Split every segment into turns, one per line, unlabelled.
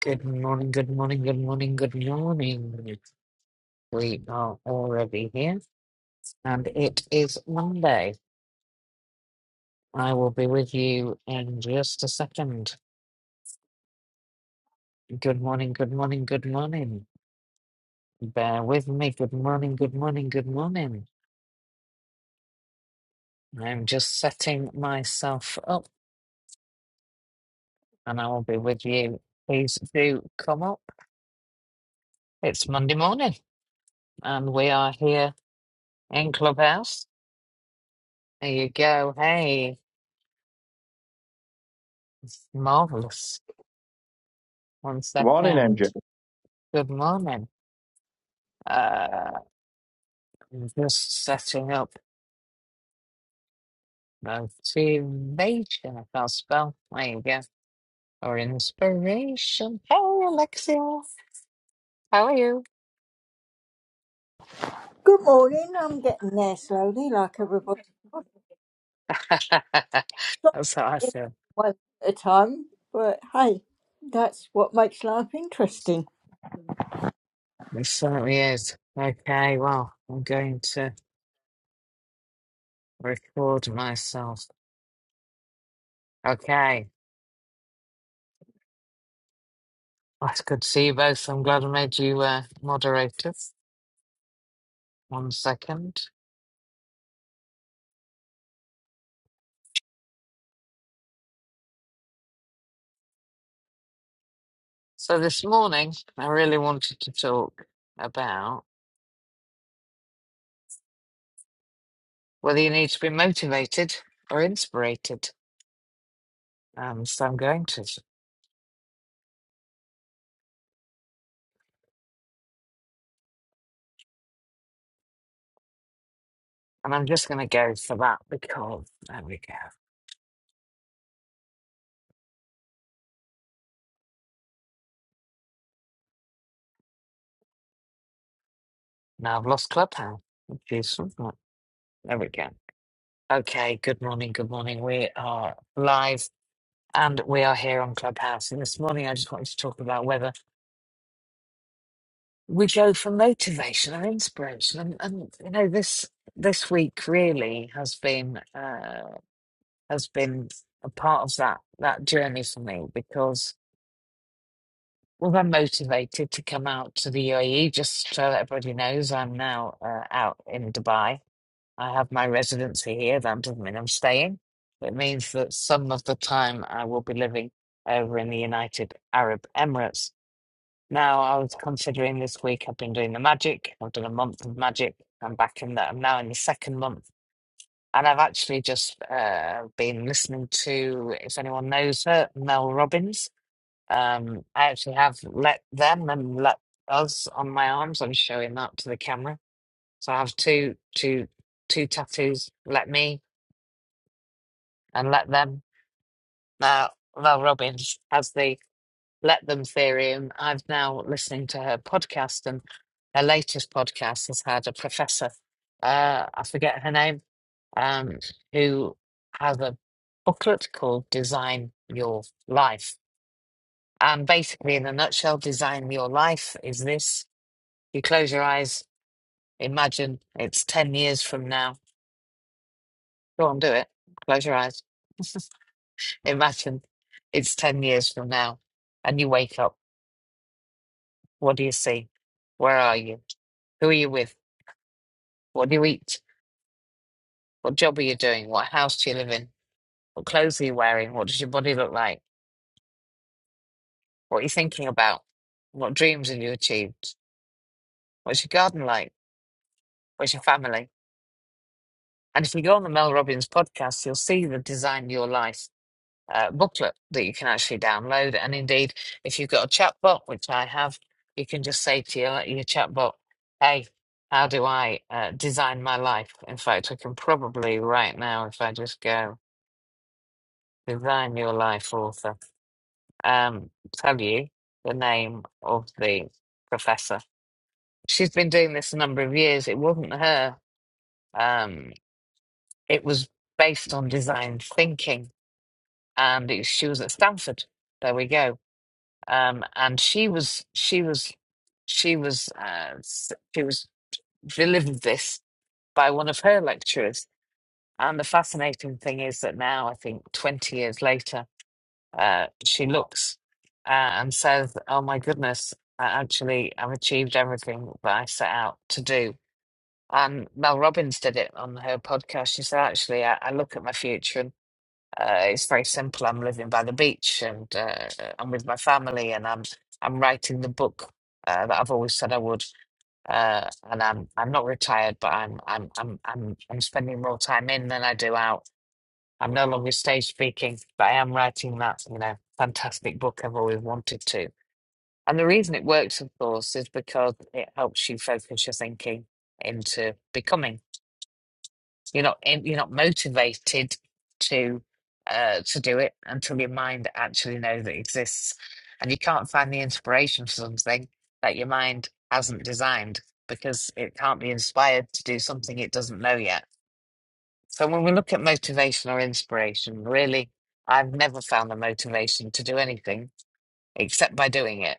Good morning, good morning, good morning, good morning. We are already here, and it is Monday. I will be with you in just a second. Good morning, good morning, good morning. Bear with me. Good morning, good morning, good morning. I'm just setting myself up, and I will be with you. Please do come up. It's Monday morning, and we are here in Clubhouse. There you go. Hey, it's marvelous. One
Good morning,
second.
MJ.
Good morning. Uh, I'm just setting up motivation. I can't spell. There you go. Or inspiration. Hey, Alexia. How are you?
Good morning. I'm getting there slowly, like everybody. else. Trying to
That's how I
get in
feel.
One at a time, but hey, that's what makes life interesting.
It certainly is. Okay, well, I'm going to record myself. Okay. Well, it's good to see you both. I'm glad I made you uh, moderators. One second. So this morning, I really wanted to talk about. Whether you need to be motivated or inspirated. Um, so I'm going to, and I'm just going to go for that because there we go. Now I've lost Clubhouse. Jeez, isn't it? There we go. Okay, good morning, good morning. We are live and we are here on Clubhouse. And this morning I just wanted to talk about whether we go for motivation and inspiration. And, and you know, this this week really has been uh, has been a part of that that journey for me because Well, I'm motivated to come out to the UAE just so that everybody knows I'm now uh, out in Dubai. I have my residency here. That doesn't mean I'm staying. It means that some of the time I will be living over in the United Arab Emirates. Now, I was considering this week, I've been doing the magic. I've done a month of magic. I'm back in that. I'm now in the second month. And I've actually just uh, been listening to, if anyone knows her, Mel Robbins um, I actually have let them and let us on my arms. I'm showing that to the camera. So I have two, two, two tattoos. Let me and let them. Now, Val Robbins has the let them theory, and I've now listening to her podcast. And her latest podcast has had a professor, uh, I forget her name, um, who has a booklet called "Design Your Life." And basically, in a nutshell, design your life is this. You close your eyes, imagine it's 10 years from now. Go on, do it. Close your eyes. Imagine it's 10 years from now and you wake up. What do you see? Where are you? Who are you with? What do you eat? What job are you doing? What house do you live in? What clothes are you wearing? What does your body look like? What are you thinking about? What dreams have you achieved? What's your garden like? Where's your family? And if you go on the Mel Robbins podcast, you'll see the design of your life uh, booklet that you can actually download. And indeed, if you've got a chatbot, which I have, you can just say to your, your chatbot, hey, how do I uh, design my life? In fact, I can probably right now, if I just go design your life author, um, tell you the name of the professor. She's been doing this a number of years. It wasn't her, um, it was based on design thinking, and it, she was at Stanford. There we go um, and she was she was she was uh, s- she was delivered this by one of her lecturers. And the fascinating thing is that now, I think, twenty years later, uh, she looks uh, and says, "Oh my goodness, I actually I've achieved everything that I set out to do." And Mel Robbins did it on her podcast. She said, "Actually, I, I look at my future." Uh, it's very simple. I'm living by the beach and uh, I'm with my family, and I'm I'm writing the book uh, that I've always said I would. Uh, and I'm I'm not retired, but I'm I'm I'm I'm I'm spending more time in than I do out. I'm no longer stage speaking, but I am writing that you know fantastic book I've always wanted to. And the reason it works, of course, is because it helps you focus your thinking into becoming. You're not in, you're not motivated to uh, to do it until your mind actually knows it exists, and you can't find the inspiration for something that your mind hasn't designed because it can't be inspired to do something it doesn't know yet. So when we look at motivation or inspiration, really, I've never found the motivation to do anything except by doing it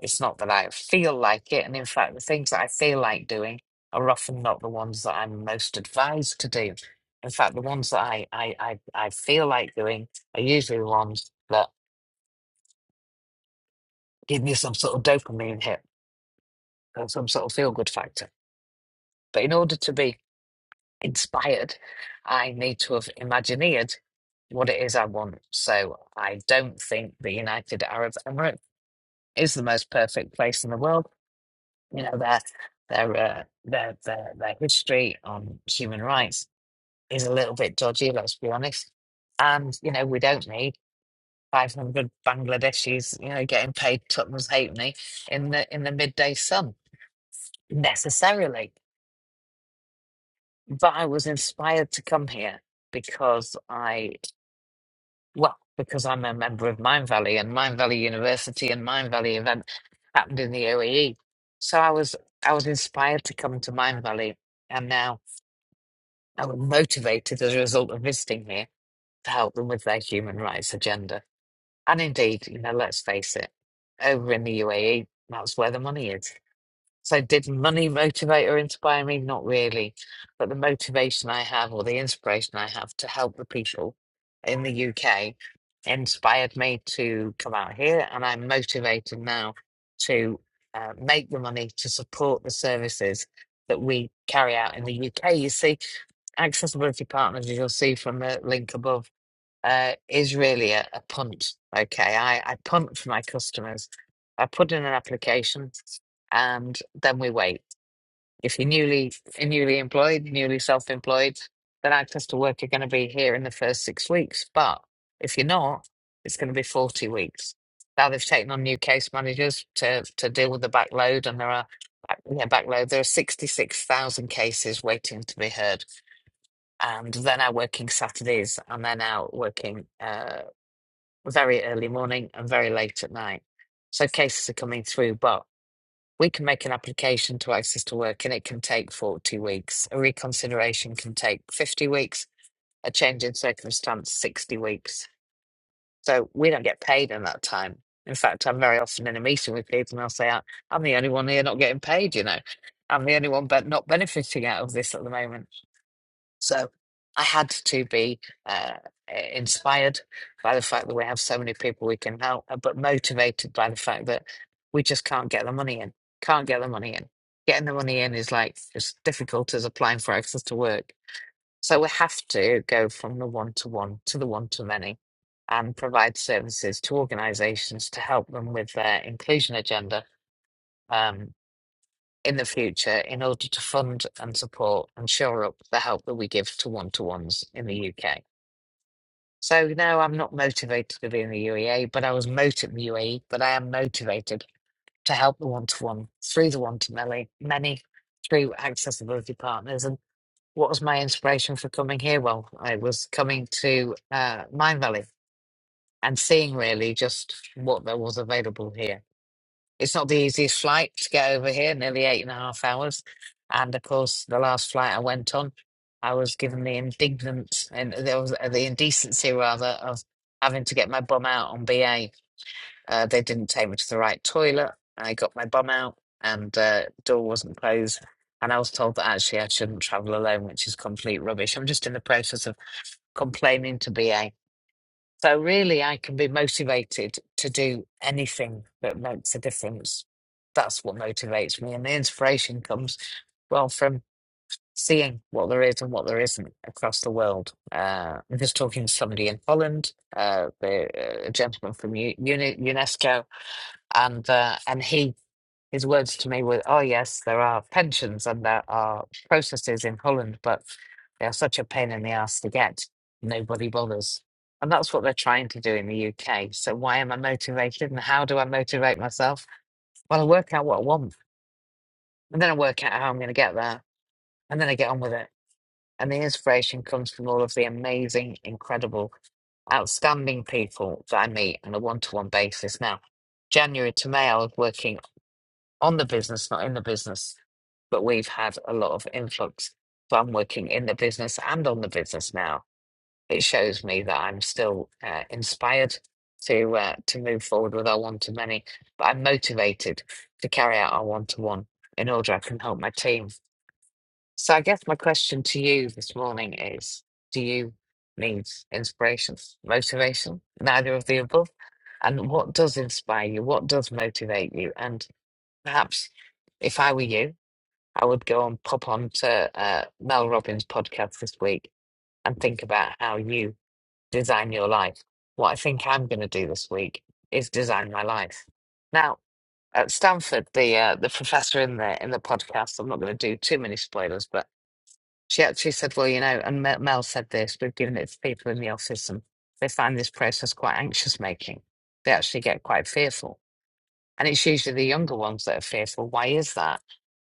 it's not that I feel like it. And in fact, the things that I feel like doing are often not the ones that I'm most advised to do. In fact, the ones that I, I, I, I feel like doing are usually the ones that give me some sort of dopamine hit or some sort of feel good factor. But in order to be inspired, I need to have imagineered what it is I want. So I don't think the United Arab Emirates is the most perfect place in the world. You know, their their uh, their, their their history on human rights is a little bit dodgy. Let's be honest. And you know, we don't need 500 Bangladeshis, you know, getting paid Tottenham's halfpenny in the in the midday sun necessarily. But I was inspired to come here because I, well, because I'm a member of Mine Valley and Mine Valley University and Mine Valley event happened in the UAE. So I was I was inspired to come to Mine Valley, and now. and were motivated as a result of visiting here to help them with their human rights agenda. And indeed, you know, let's face it, over in the UAE, that's where the money is. So, did money motivate or inspire me? Not really. But the motivation I have, or the inspiration I have to help the people in the UK, inspired me to come out here. And I'm motivated now to uh, make the money to support the services that we carry out in the UK. You see, Accessibility Partners, as you'll see from the link above uh, is really a, a punt. Okay, I, I punt for my customers. I put in an application, and then we wait. If you're newly newly employed, newly self-employed, then access to work are going to be here in the first six weeks. But if you're not, it's going to be forty weeks. Now they've taken on new case managers to to deal with the backload, and there are yeah backload. There are sixty-six thousand cases waiting to be heard and they're now working Saturdays and they're now working uh, very early morning and very late at night. So cases are coming through, but we can make an application to access to work and it can take 40 weeks. A reconsideration can take 50 weeks, a change in circumstance, 60 weeks. So we don't get paid in that time. In fact, I'm very often in a meeting with people and I'll say, "I- I'm the only one here not getting paid, you know. I'm the only one but not benefiting out of this at the moment. So I had to be uh, inspired by the fact that we have so many people we can help, uh, but motivated by the fact that we just can't get the money in. Can't get the money in. Getting the money in is like as difficult as applying for access to work. So we have to go from the one to one to the one to many and provide services to organizations to help them with their inclusion agenda. Um, in the future in order to fund and support and shore up the help that we give to one to ones in the UK. So no, I'm not motivated to be in the UEA, but I was motivated in the UAE, but I am motivated to help the one to one through the one to many, many through accessibility partners. And what was my inspiration for coming here? Well, I was coming to uh, Mine Valley and seeing really just what there was available here it's not the easiest flight to get over here, nearly eight and a half hours. And of course, the last flight I went on, I was given the indignant and there was uh, the indecency rather of having to get my bum out on BA. Uh, they didn't take me to the right toilet. I got my bum out, and uh, door wasn't closed. And I was told that actually I shouldn't travel alone, which is complete rubbish. I'm just in the process of complaining to BA so really, I can be motivated to do anything that makes a difference. That's what motivates me, and the inspiration comes well from seeing what there is and what there isn't across the world. Uh, I'm just talking to somebody in Holland, uh, the, uh, a gentleman from U- Uni- UNESCO, and uh, and he his words to me were, "Oh yes, there are pensions and there are processes in Holland, but they are such a pain in the ass to get. Nobody bothers." And that's what they're trying to do in the UK. So why am I motivated, and how do I motivate myself? Well, I work out what I want, and then I work out how I'm going to get there, and then I get on with it. And the inspiration comes from all of the amazing, incredible, outstanding people that I meet on a one-to-one basis. Now, January to May, I was working on the business, not in the business. But we've had a lot of influx. So I'm working in the business and on the business now. It shows me that I'm still uh, inspired to uh, to move forward with our one to many, but I'm motivated to carry out our one to one in order I can help my team. So I guess my question to you this morning is: Do you need inspiration, motivation, neither of the above? And what does inspire you? What does motivate you? And Perhaps if I were you, I would go and pop on to uh, Mel Robbins' podcast this week and think about how you design your life. What I think I'm going to do this week is design my life. Now, at Stanford, the uh, the professor in the in the podcast, I'm not going to do too many spoilers, but she actually said, "Well, you know," and Mel Mel said this. We've given it to people in the office, and they find this process quite anxious making. They actually get quite fearful, and it's usually the younger ones that are fearful. Why is that?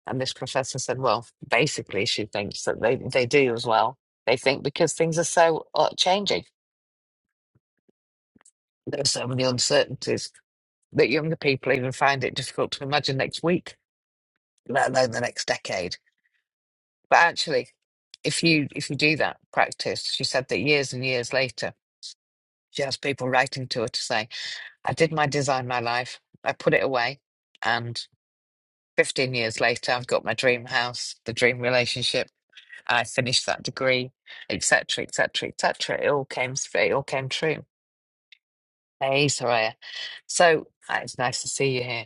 And this professor said, well, basically, she thinks that they, they do as well. They think because things are so uh, changing, there are so many uncertainties that younger people even find it difficult to imagine next week, let alone the next decade. But actually, if you if you do that practice, she said that years and years later, she has people writing to her to say, "I did my design, my life. I put it away, and 15 years later, I've got my dream house, the dream relationship." I finished that degree, etc., etc., etc. It all came, it all came true. Hey, Soraya. So uh, it's nice to see you here.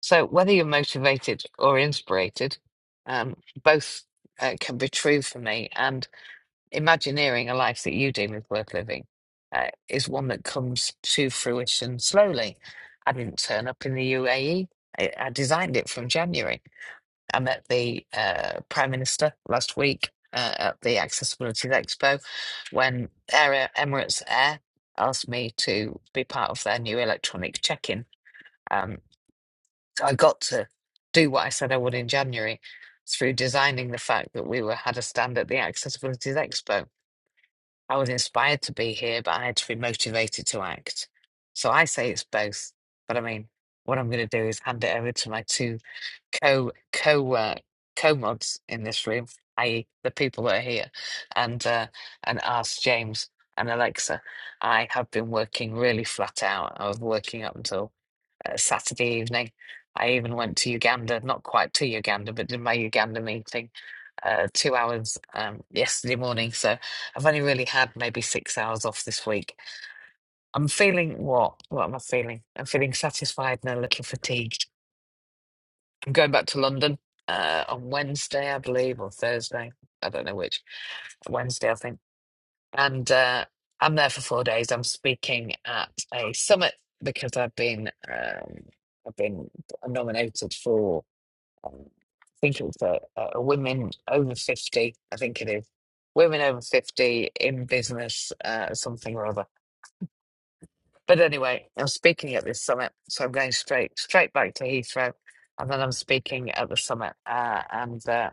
So whether you're motivated or inspirated, um, both uh, can be true for me. And imagineering a life that you deem is worth living uh, is one that comes to fruition slowly. I didn't turn up in the UAE. I I designed it from January. I met the uh, Prime Minister last week uh, at the Accessibility Expo when Air Emirates Air asked me to be part of their new electronic check-in. Um, so I got to do what I said I would in January through designing the fact that we were had a stand at the Accessibility Expo. I was inspired to be here, but I had to be motivated to act. So I say it's both. But I mean, what I'm going to do is hand it over to my two co co uh, co mods in this room, i.e., the people that are here, and uh, and ask James and Alexa. I have been working really flat out. I was working up until uh, Saturday evening. I even went to Uganda, not quite to Uganda, but did my Uganda meeting uh, two hours um, yesterday morning. So I've only really had maybe six hours off this week. I'm feeling what? What am I feeling? I'm feeling satisfied, and a little fatigued. I'm going back to London uh, on Wednesday, I believe, or Thursday. I don't know which. Wednesday, I think. And uh, I'm there for four days. I'm speaking at a summit because I've been um, I've been nominated for um, I think it was a, a women over fifty. I think it is women over fifty in business uh, something or other. But anyway, I'm speaking at this summit, so I'm going straight straight back to Heathrow, and then I'm speaking at the summit. Uh, and uh,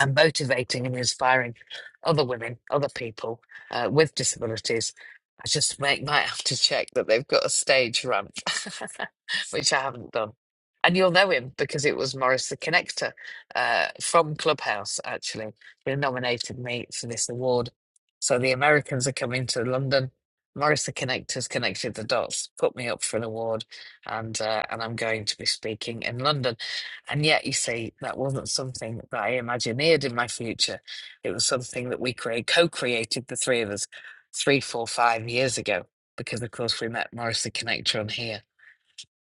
and motivating and inspiring other women, other people uh, with disabilities. I just may, might have to check that they've got a stage ramp, which I haven't done. And you'll know him because it was Morris the Connector uh, from Clubhouse, actually, who nominated me for this award. So the Americans are coming to London. Morris the Connector's connected the dots, put me up for an award, and uh, and I'm going to be speaking in London. And yet, you see, that wasn't something that I imagineered in my future. It was something that we create, co-created, the three of us, three, four, five years ago, because of course we met Morris the Connector on here.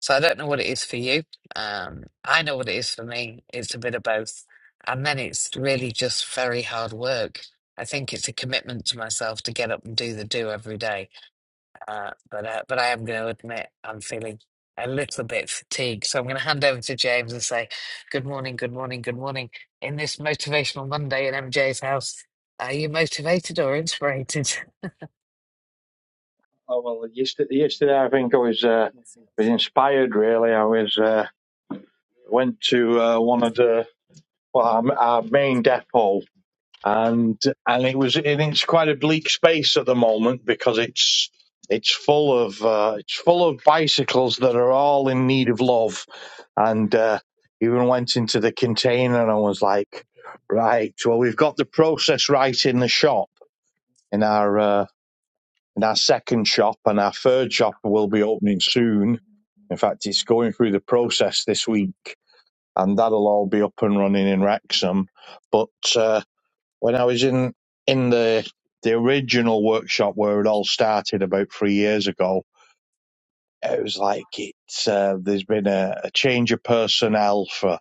So I don't know what it is for you. Um, I know what it is for me. It's a bit of both. And then it's really just very hard work. I think it's a commitment to myself to get up and do the do every day uh, but uh, but I am going to admit I'm feeling a little bit fatigued. So I'm going to hand over to James and say, "Good morning, good morning, good morning." In this motivational Monday in MJ's house, are you motivated or inspirated?
Oh, well, yesterday, yesterday I think I was uh, was inspired. Really, I was uh, went to uh, one of the well our, our main depot, and and it was and it's quite a bleak space at the moment because it's it's full of uh, it's full of bicycles that are all in need of love, and uh, even went into the container and I was like, right, well we've got the process right in the shop in our. Uh, And our second shop and our third shop will be opening soon. In fact, it's going through the process this week, and that'll all be up and running in Wrexham. But uh, when I was in in the the original workshop where it all started about three years ago, it was like it's uh, there's been a, a change of personnel for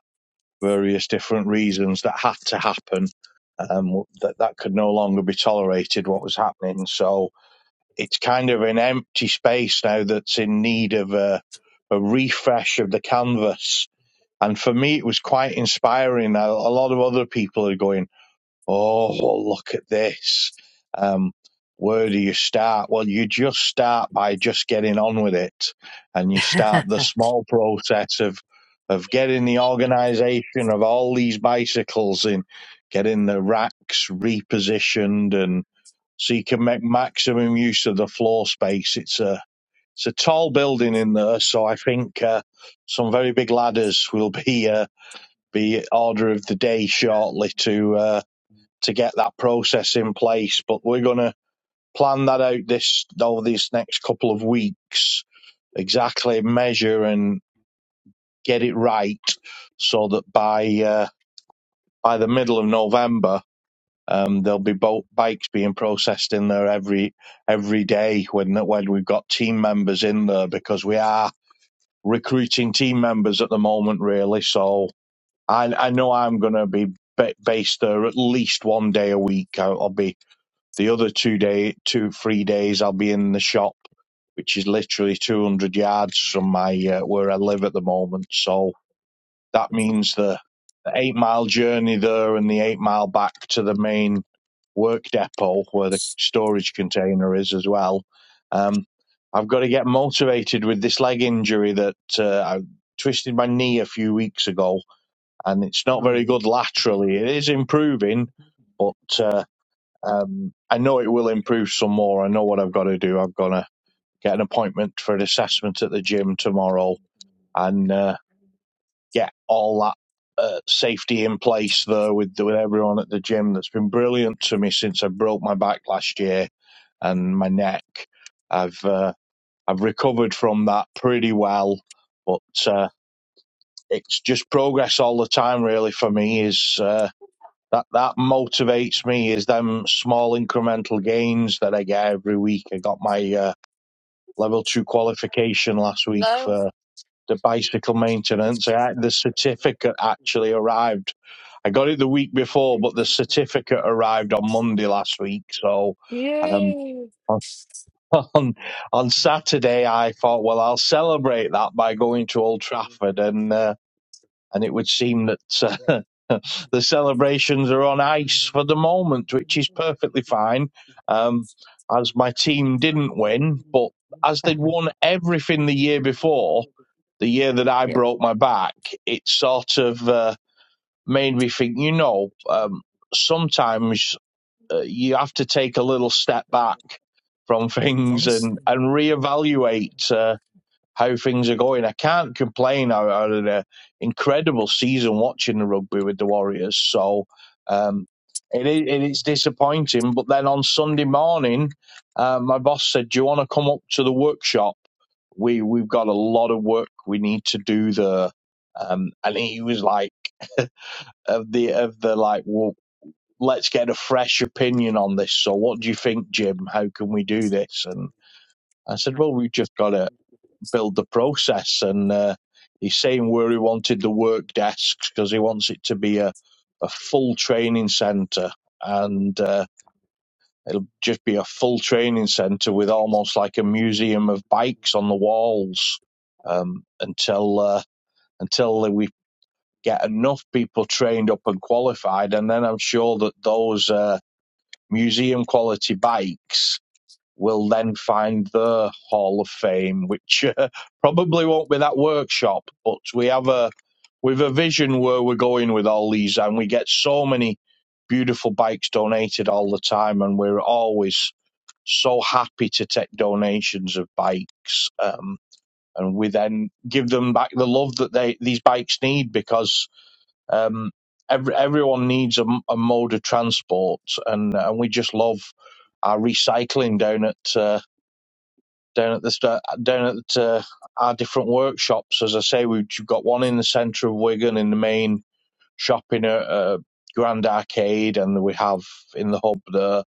various different reasons that had to happen. Um, that that could no longer be tolerated. What was happening, so it's kind of an empty space now that's in need of a, a refresh of the canvas. And for me, it was quite inspiring. A, a lot of other people are going, Oh, well, look at this. Um, where do you start? Well, you just start by just getting on with it. And you start the small process of, of getting the organization of all these bicycles in, getting the racks repositioned and so you can make maximum use of the floor space. It's a it's a tall building in there, so I think uh, some very big ladders will be uh, be order of the day shortly to uh, to get that process in place. But we're gonna plan that out this over these next couple of weeks, exactly measure and get it right, so that by uh, by the middle of November Um, there'll be boat bikes being processed in there every every day when when we've got team members in there because we are recruiting team members at the moment, really. So I I know I'm going to be ba- based there at least one day a week. I'll, I'll be the other two day two three days I'll be in the shop, which is literally 200 yards from my uh, where I live at the moment. So that means the the eight mile journey there and the eight mile back to the main work depot where the storage container is as well. Um, I've got to get motivated with this leg injury that uh, I twisted my knee a few weeks ago, and it's not very
Mm.
good laterally. It is improving, but uh, um, I know it will improve some more. I know what I've got to do. I've got to get an appointment for an assessment at the gym tomorrow and uh, get all that. Uh, safety in place there with with everyone at the gym that's been brilliant to me since I broke my back last year and my neck. I've uh, I've recovered from that pretty well, but uh, it's just progress all the time. Really, for me, is uh, that that motivates me is them small incremental gains that I get every week. I got my uh, level two qualification last week
No.
for the bicycle maintenance. I, the certificate actually arrived. I got it the week before, but the certificate arrived on Monday last week. So. Um,
Yay!
on on Saturday, I
Yeah.
thought, well, I'll celebrate that by going to Old Trafford, and uh, and it would seem that uh, the celebrations are on ice for the moment, which is perfectly fine, um, as my team didn't win, but as they'd won everything the year before, the year that I broke my back, it sort of uh, made me think, you know. Um, sometimes uh, you have to take a little step back from things and
Awesome.
and reevaluate uh, how things are going. I can't complain. I, I had an uh, incredible season watching the rugby with the Warriors, so um, it is it is disappointing. But then on Sunday morning, uh, my boss said, "Do you want to come up to the workshop? We we've got a lot of work we need to do there." Um, and he was like, "Of the of the like, well, let's get a fresh opinion on this. So, what do you think, Jim? How can we do this? And I said, well, we've just got to build the process. And uh, he's saying where he wanted the work desks because he wants it to be a, a full training centre. And uh, it'll just be a full training centre with almost like a museum of bikes on the walls um, until uh, until we get enough people trained up and qualified. And then I'm sure that those. Uh, museum quality bikes will then find their hall of fame, which uh, probably won't be that workshop. But we have a we've a vision where we're going with all these, and we get so many beautiful bikes donated all the time, and we're always so happy to take donations of bikes. Um, and we then give them back the love that they these bikes need because um, every, everyone needs a a mode of transport, and, and we just love our recycling down at uh, down at the sta- down at uh, our different workshops. As I say, we've got one in the centre of Wigan in the main shopping in uh Grand Arcade, and we have in the hub there.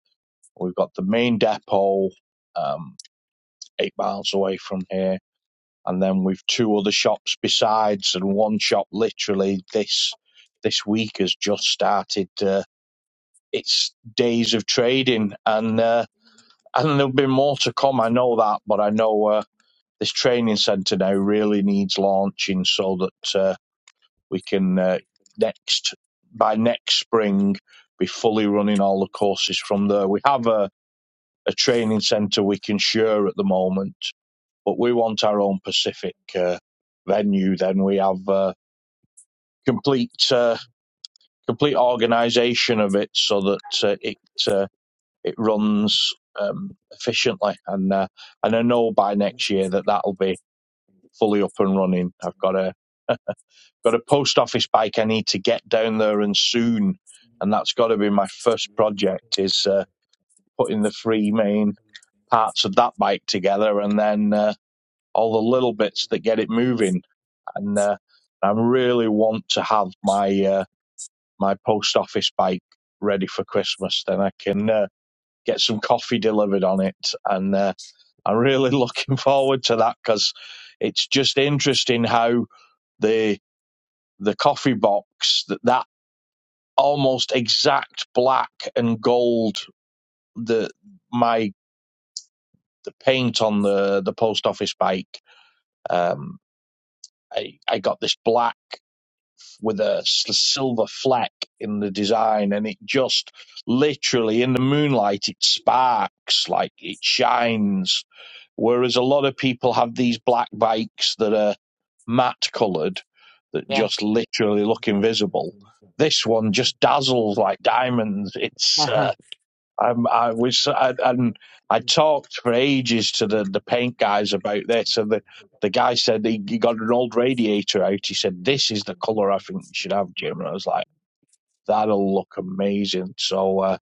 We've got the main depot um, eight miles away from here, and then we've two other shops besides, and one shop literally this this week has just started. Uh, it's days of trading, and uh, and there'll be more to come. I know that, but I know uh, this training centre now really needs launching so that uh, we can uh, next by next spring be fully running all the courses from there. We have a, a training centre we can share at the moment, but we want our own Pacific uh, venue. Then we have uh, complete uh, complete organisation of it so that uh, it. Uh, it runs um, efficiently, and uh, and I know by next year that that'll be fully up and running. I've got a got a post office bike I need to get down there and soon, and that's got to be my first project is uh, putting the three main parts of that bike together, and then uh, all the little bits that get it moving. And uh, I really want to have my uh, my post office bike ready for Christmas. Then I can uh, get some coffee delivered on it, and. Uh, I'm really looking forward to that because it's just interesting how the the coffee box that that almost exact black and gold the my the paint on the the post office bike um I, I got this black with a s- silver fleck in the design, and it just literally in the moonlight it sparks like it shines. Whereas a lot of people have these black bikes that are matte coloured that
Yeah.
just literally look invisible. This one just dazzles like diamonds. It's uh,
Uh-huh.
um, I was I, and I talked for ages to the, the paint guys about this, and the, the guy said he, he got an old radiator out. He said this is the color I think you should have, Jim. And I was like, that'll look amazing. So uh,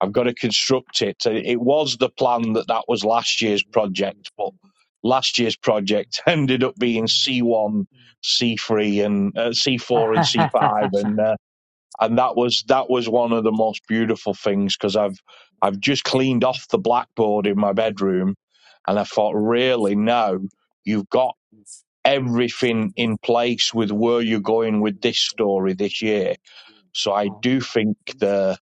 I've got to construct it. So It was the plan that that was last year's project, but last year's project ended up being C1, C3, and uh, C4 and C5, and uh, and that was that was one of the most beautiful things because I've I've just cleaned off the blackboard in my bedroom, and I thought, really, now you've got everything in place with where you're going with this story this year. So I
oh,
do think the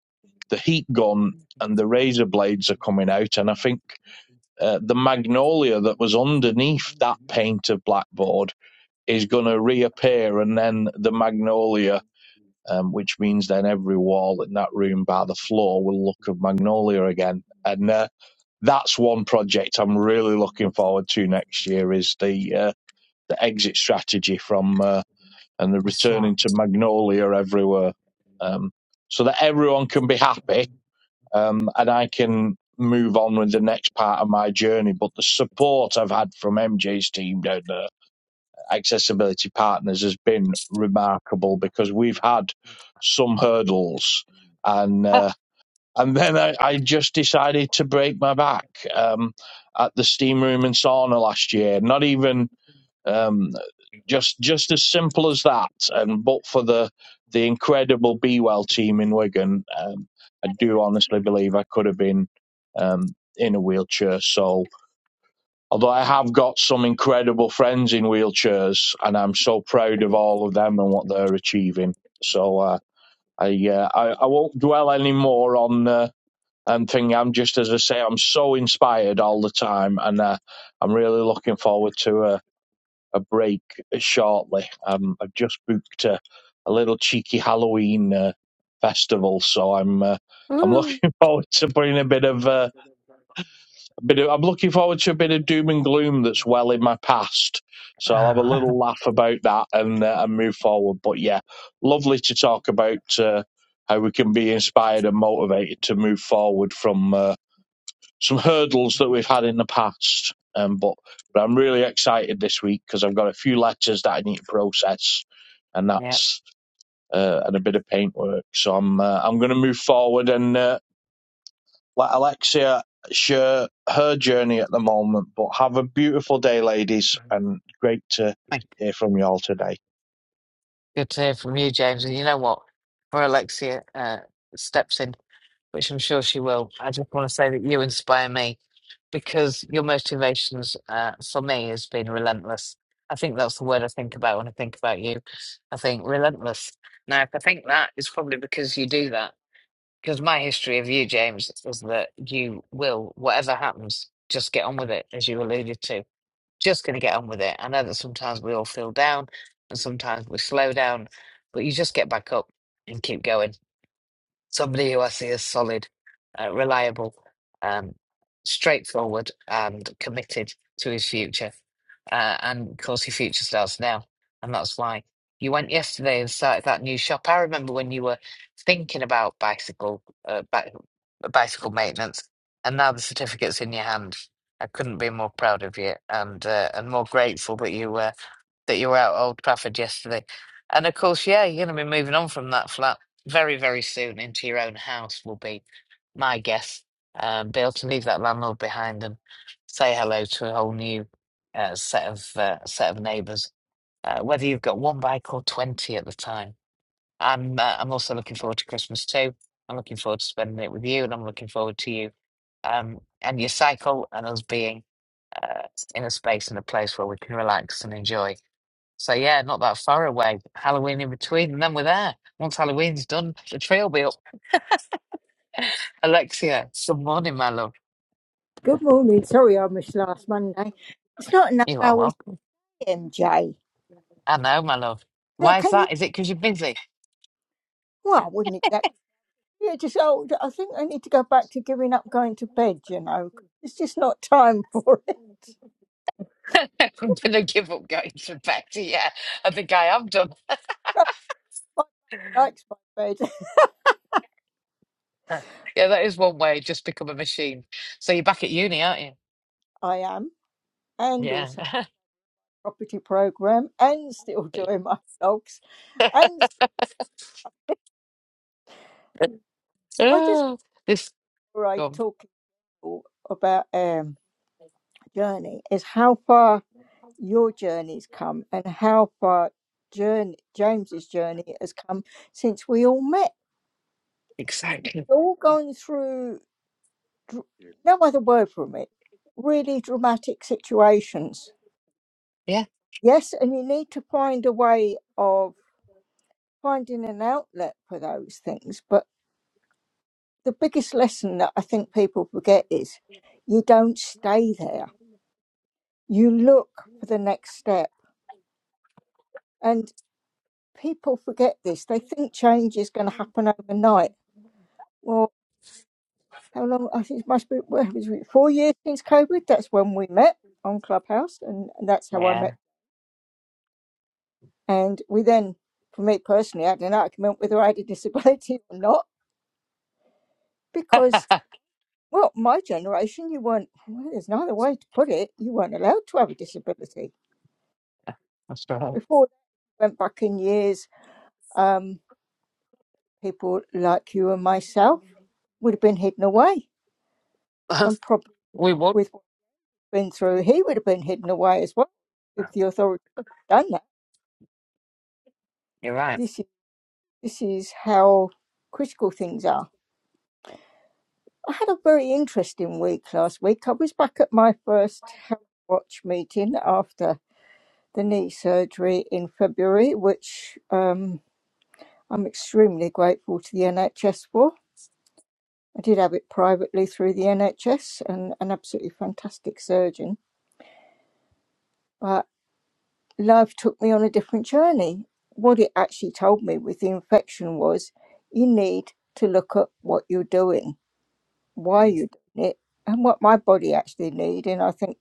the heat gun and the razor blades are coming out, and I think uh, the magnolia that was underneath that paint of blackboard is going to reappear, and then the magnolia um, which means then every wall in that room by the floor will look of magnolia again. And uh, that's one project I'm really looking forward to next year is the uh, the exit strategy from uh, and the
what's
returning
wrong?
to magnolia everywhere, um, so that everyone can be happy um, and I can move on with the next part of my journey. But the support I've had from MJ's team down there accessibility partners has been remarkable because we've had some hurdles and uh, and then I, I just decided to break my back um, at the steam room and sauna last year. Not even um, just just as simple as that. And but for the the incredible Be Well team in Wigan, um, I do honestly believe I could have been um, in a wheelchair. So Although I have got some incredible friends in wheelchairs, and I'm so proud of all of them and what they're achieving. So uh, I, uh, I I won't dwell any more on uh, and thing. I'm just as I say, I'm so inspired all the time, and uh, I'm really looking forward to a, a break shortly. Um, I've just booked a, a little cheeky Halloween uh, festival, so I'm uh, I'm looking forward to putting a bit of. Uh, Bit of, I'm looking forward to a bit of doom and gloom that's well in my past. So I'll have a little laugh about that and uh, and move forward. But yeah, lovely to talk about uh, how we can be inspired and motivated to move forward from uh, some hurdles that we've had in the past. Um, but but I'm really excited this week because I've got a few letters that I need to process, and
yeah.
that's uh, and a bit of paintwork. So I'm uh, I'm going to move forward and. Uh, let Alexia share her journey at the moment. But have a beautiful day, ladies, and great to
Thank-
hear from you all today.
Good to hear from you, James. And you know what? For Alexia uh, steps in, which I'm sure she will, I just want to say that you inspire me because your motivations uh, for me has been relentless. I think that's the word I think about when I think about you. I think relentless. Now, if I think that, it's probably because you do that. Because my history of you, James, is that you will, whatever happens, just get on with it, as you alluded to. Just going to get on with it. I know that sometimes we all feel down and sometimes we slow down, but you just get back up and keep going somebody who I see as solid, uh, reliable, um, straightforward, and committed to his future. Uh, and of course, your future starts now, and that's why you went yesterday and started that new shop. I remember when you were thinking about bicycle, uh, bi- bicycle maintenance, and now the certificate's in your hand. I couldn't be more proud of you, and uh, and more grateful that you were that you were out at Old Trafford yesterday. And of course, yeah, you're going to be moving on from that flat very, very soon into your own house, will be my guess. Um, be able to leave that landlord behind and say hello to a whole new uh, set of uh, set of neighbours, uh, whether you've got one bike or 20 at the time. I'm, uh, I'm also looking forward to Christmas too. I'm looking forward to spending it with you, and I'm looking forward to you um, and your cycle and us being uh, in a space and a place where we can relax and enjoy. So yeah, not that far away. Halloween in between, and then we're there. Once Halloween's done, the tree will be up. Alexia, good morning, my love.
Good morning. Sorry I missed last Monday. It's not enough
You are
hours,
welcome.
MJ.
I know, my love.
Can
Why is
can you?
that? Is it because you're busy?
Well, I wouldn't exactly. Yeah, just old. I think I need to go back to giving up going to bed. You know, 'cause it's just not time for it.
I'm gonna give up going to bed. Yeah, I think I am done.
Nobody likes my bed.
Yeah, that is one way. Just become a machine. So you're back at uni, aren't you?
I am, and
Yeah.
also property program, and still doing my dogs, and I just
oh, this
Before I
gone
talk about um, journey is how far your journey's come and how far journey, James's journey has come since we all met.
exactly.
We've all gone through, dr- no other word from it, really dramatic situations.
Yeah.
Yes, and you need to find a way of finding an outlet for those things. But the biggest lesson that I think people forget is you don't stay there. You look for the next step. and. people forget this. They think change is going to happen overnight. Well, how long? I think it must be well, it was four years since COVID. That's when we met on Clubhouse, and, and that's how I
Yeah.
met. And we then, for me personally, I had an argument whether I had a disability or not because. Well, my generation, you weren't, well, there's no other way to put it, you weren't allowed to have a disability.
That's right.
Before that, went back in years, um, people like you and myself would have been hidden away and probably
we would.
with. been through, he would have been hidden away as well if the authorities had done that.
You're right.
This is, this is how critical things are. I had a very interesting week last week. I was back at my first health watch meeting after the knee surgery in February, which um, I'm extremely grateful to the NHS for. I did have it privately through the NHS and an absolutely fantastic surgeon. But life took me on a different journey. What it actually told me with the infection was you need to look at what you're doing, why you're doing it, and what my body actually need. And I think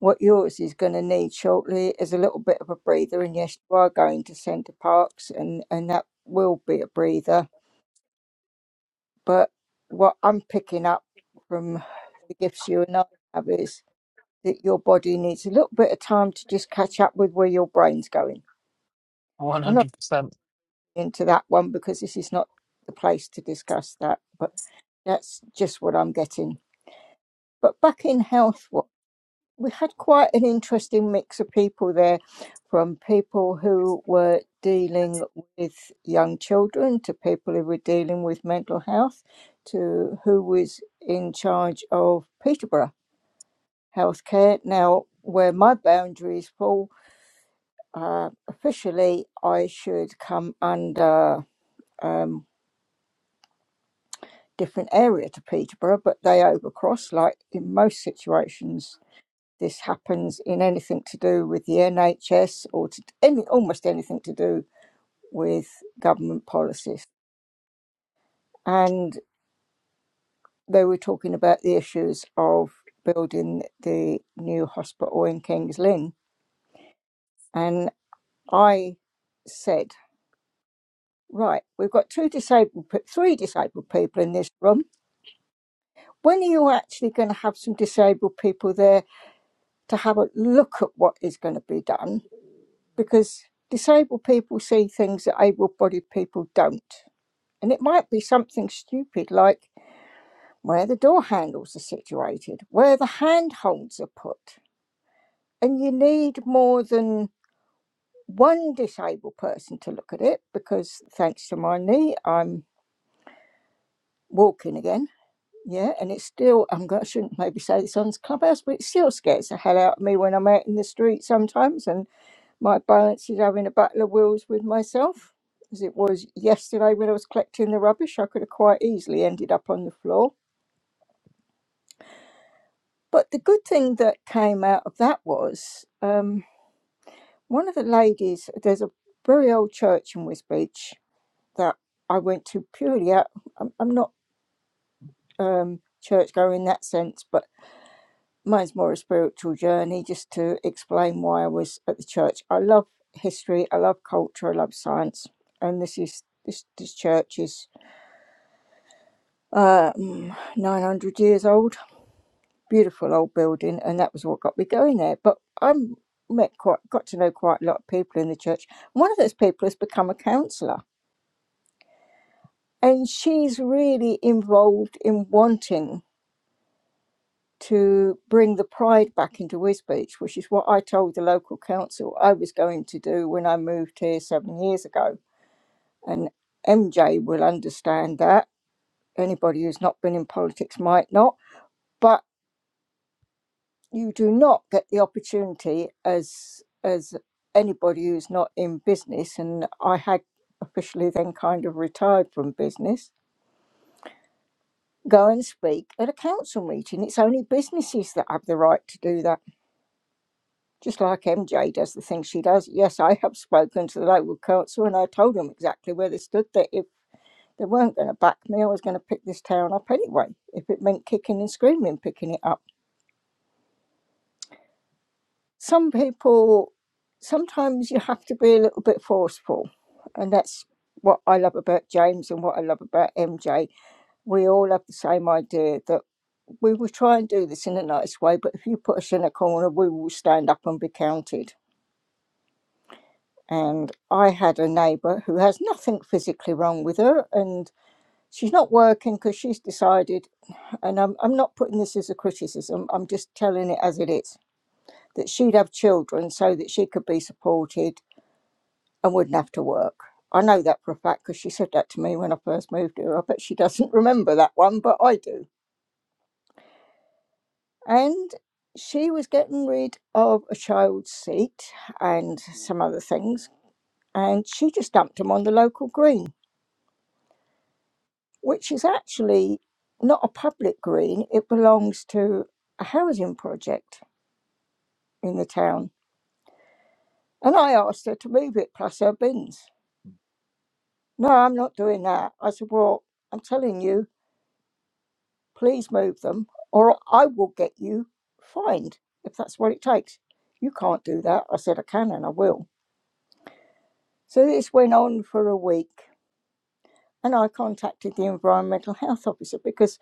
what yours is going to need shortly is a little bit of a breather. And yes, you are going to Centre Parks, and, and that will be a breather. But what I'm picking up from the gifts you and I have is that your body needs a little bit of time to just catch up with where your brain's going. I know.
100%.
into that one because this is not the place to discuss that, but that's just what I'm getting. But back in health, wa- we had quite an interesting mix of people there from people who were dealing with young children to people who were dealing with mental health to who was in charge of Peterborough healthcare. Now, where my boundaries fall, uh, officially I should come under. um, different area to Peterborough, but they overcross. Like in most situations, this happens in anything to do with the NHS or to any almost anything to do with government policies. And they were talking about the issues of building the new hospital in Kings Lynn, and I said, "Right, we've got two disabled, three disabled people in this room. When are you actually going to have some disabled people there to have a look at what is going to be done because disabled people see things that able bodied people don't. And it might be something stupid like where the door handles are situated, where the handholds are put. And you need more than one disabled person to look at it because thanks to my knee, I'm walking again. Yeah, and it's still, I'm going, I shouldn't maybe say this on this clubhouse, but it still scares the hell out of me when I'm out in the street sometimes. and. My balance is having a battle of wills with myself, as it was yesterday when I was collecting the rubbish. I could have quite easily ended up on the floor. But the good thing that came out of that was um, one of the ladies, there's a very old church in Wisbech that I went to purely out. I'm, I'm not um, church goer in that sense, but mine's more a spiritual journey just to explain why I was at the church. I love history, I love culture, I love science, and this is this this church is. um, 900 years old, beautiful old building, and that was what got me going there. But I met quite, got to know quite a lot of people in the church. One of those people has become a counsellor, and she's really involved in wanting to bring the pride back into Wisbech, which is what I told the local council I was going to do when I moved here seven years ago. And MJ will understand that. Anybody who's not been in politics might not. but. you do not get the opportunity as as anybody who's not in business and i had officially then kind of retired from business go and speak at a council meeting it's only businesses that have the right to do that just like mj does the things she does yes i have spoken to the local council and i told them exactly where they stood that if they weren't going to back me i was going to pick this town up anyway if it meant kicking and screaming picking it up some people sometimes you have to be a little bit forceful and that's what i love about james and what i love about mj we all have the same idea that we will try and do this in a nice way but if you put us in a corner we will stand up and be counted and i had a neighbour who has nothing physically wrong with her and she's not working because she's decided and I'm, I'm not putting this as a criticism i'm just telling it as it is that she'd have children so that she could be supported and wouldn't have to work. I know that for a fact because she said that to me when I first moved here. I bet she doesn't remember that one, but I do. And she was getting rid of a child's seat and some other things, and she just dumped them on the local green, which is actually not a public green. It belongs to a housing project in the town. And I asked her to move it plus her bins. No, I'm not doing that. I said, Well, I'm telling you, Please move them, or I will get you fined if that's what it takes. You can't do that. I said, I can and I will. So this went on for a week, and I contacted the environmental health officer because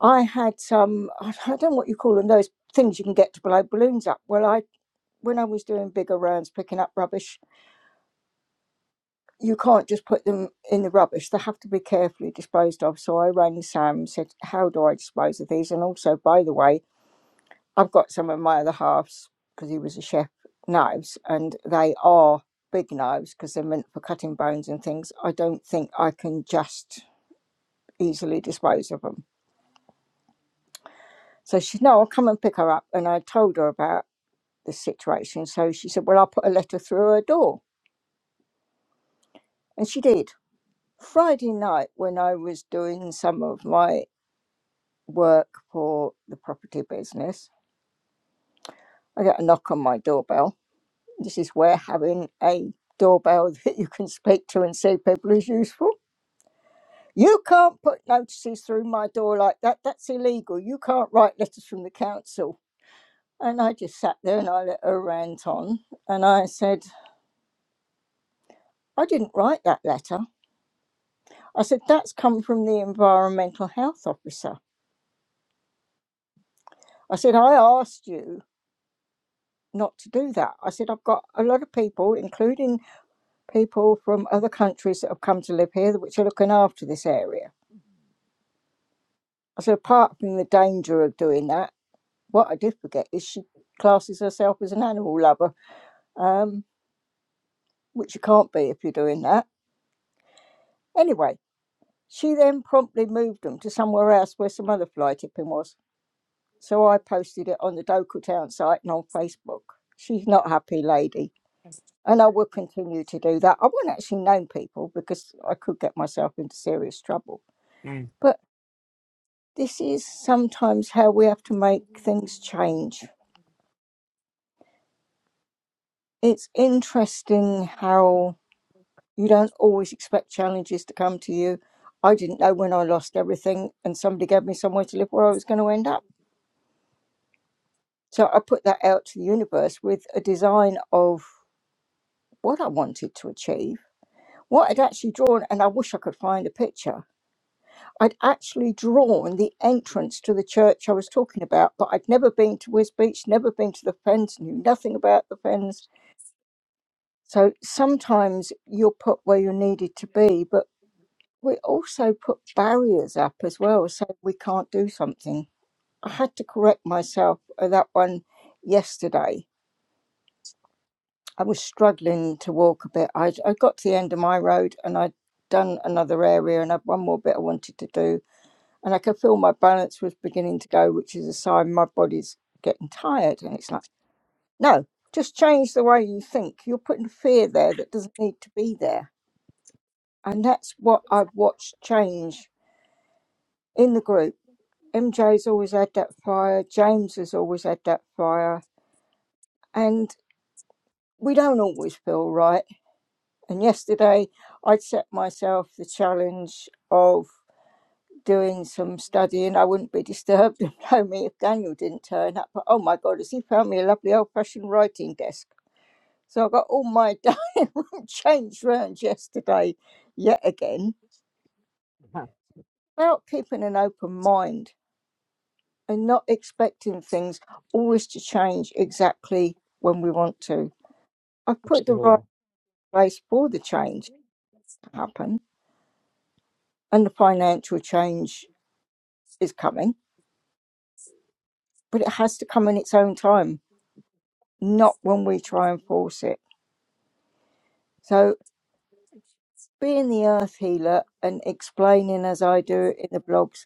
I had some, I don't know what you call them, those things you can get to blow balloons up. Well, I when I was doing bigger rounds picking up rubbish, you can't just put them in the rubbish. They have to be carefully disposed of. So I rang Sam, and said, How do I dispose of these? And also, by the way, I've got some of my other halves because he was a chef knives, and they are big knives because they're meant for cutting bones and things. I don't think I can just easily dispose of them. So she said, No, I'll come and pick her up. And I told her about the situation. So she said, Well, I'll put a letter through her door. And she did. Friday night, when I was doing some of my work for the property business, I got a knock on my doorbell This is where having a doorbell that you can speak to and see people is useful. You can't put notices through my door like that. That's illegal. You can't write letters from the council. And I just sat there and I let her rant on. And I said, I didn't write that letter. I said, that's come from the environmental health officer. I said, I asked you not to do that. I said, I've got a lot of people, including people from other countries that have come to live here, which are looking after this area. I said, apart from the danger of doing that, what I did forget is she classes herself as an animal lover, um, which you can't be if you're doing that. Anyway, she then promptly moved them to somewhere else where some other fly tipping was. So I posted it on the Doku Town site and on Facebook. She's not a happy lady. And I will continue to do that. I won't actually name people because I could get myself into serious trouble.
Mm.
But this is sometimes how we have to make things change. it's interesting how you don't always expect challenges to come to you. I didn't know when I lost everything and somebody gave me somewhere to live where I was going to end up. So I put that out to the universe with a design of what I wanted to achieve, what I'd actually drawn, and I wish I could find a picture. I'd actually drawn the entrance to the church I was talking about, but I'd never been to Whiz Beach, never been to the Fens, knew nothing about the Fens. So sometimes you're put where you're needed to be, but we also put barriers up as well, so we can't do something. I had to correct myself at that one yesterday. I was struggling to walk a bit. I, I got to the end of my road and I'd done another area and I'd one more bit I wanted to do. And I could feel my balance was beginning to go, which is a sign my body's getting tired. And it's like, no, just change the way you think. You're putting fear there that doesn't need to be there. And that's what I've watched change in the group MJ's always had that fire, James has always had that fire, and we don't always feel right. And yesterday, I'd set myself the challenge of doing some studying. I wouldn't be disturbed and blow me if Daniel didn't turn up. But oh my God, has he found me a lovely old fashioned writing desk? So I got all my dining room changed round yesterday, yet again, about keeping an open mind. and not expecting things always to change exactly when we want to. I put the right
Absolutely.
place for the change to happen, and the financial change is coming, but it has to come in its own time, not when we try and force it. So, being the earth healer and explaining as I do in the blogs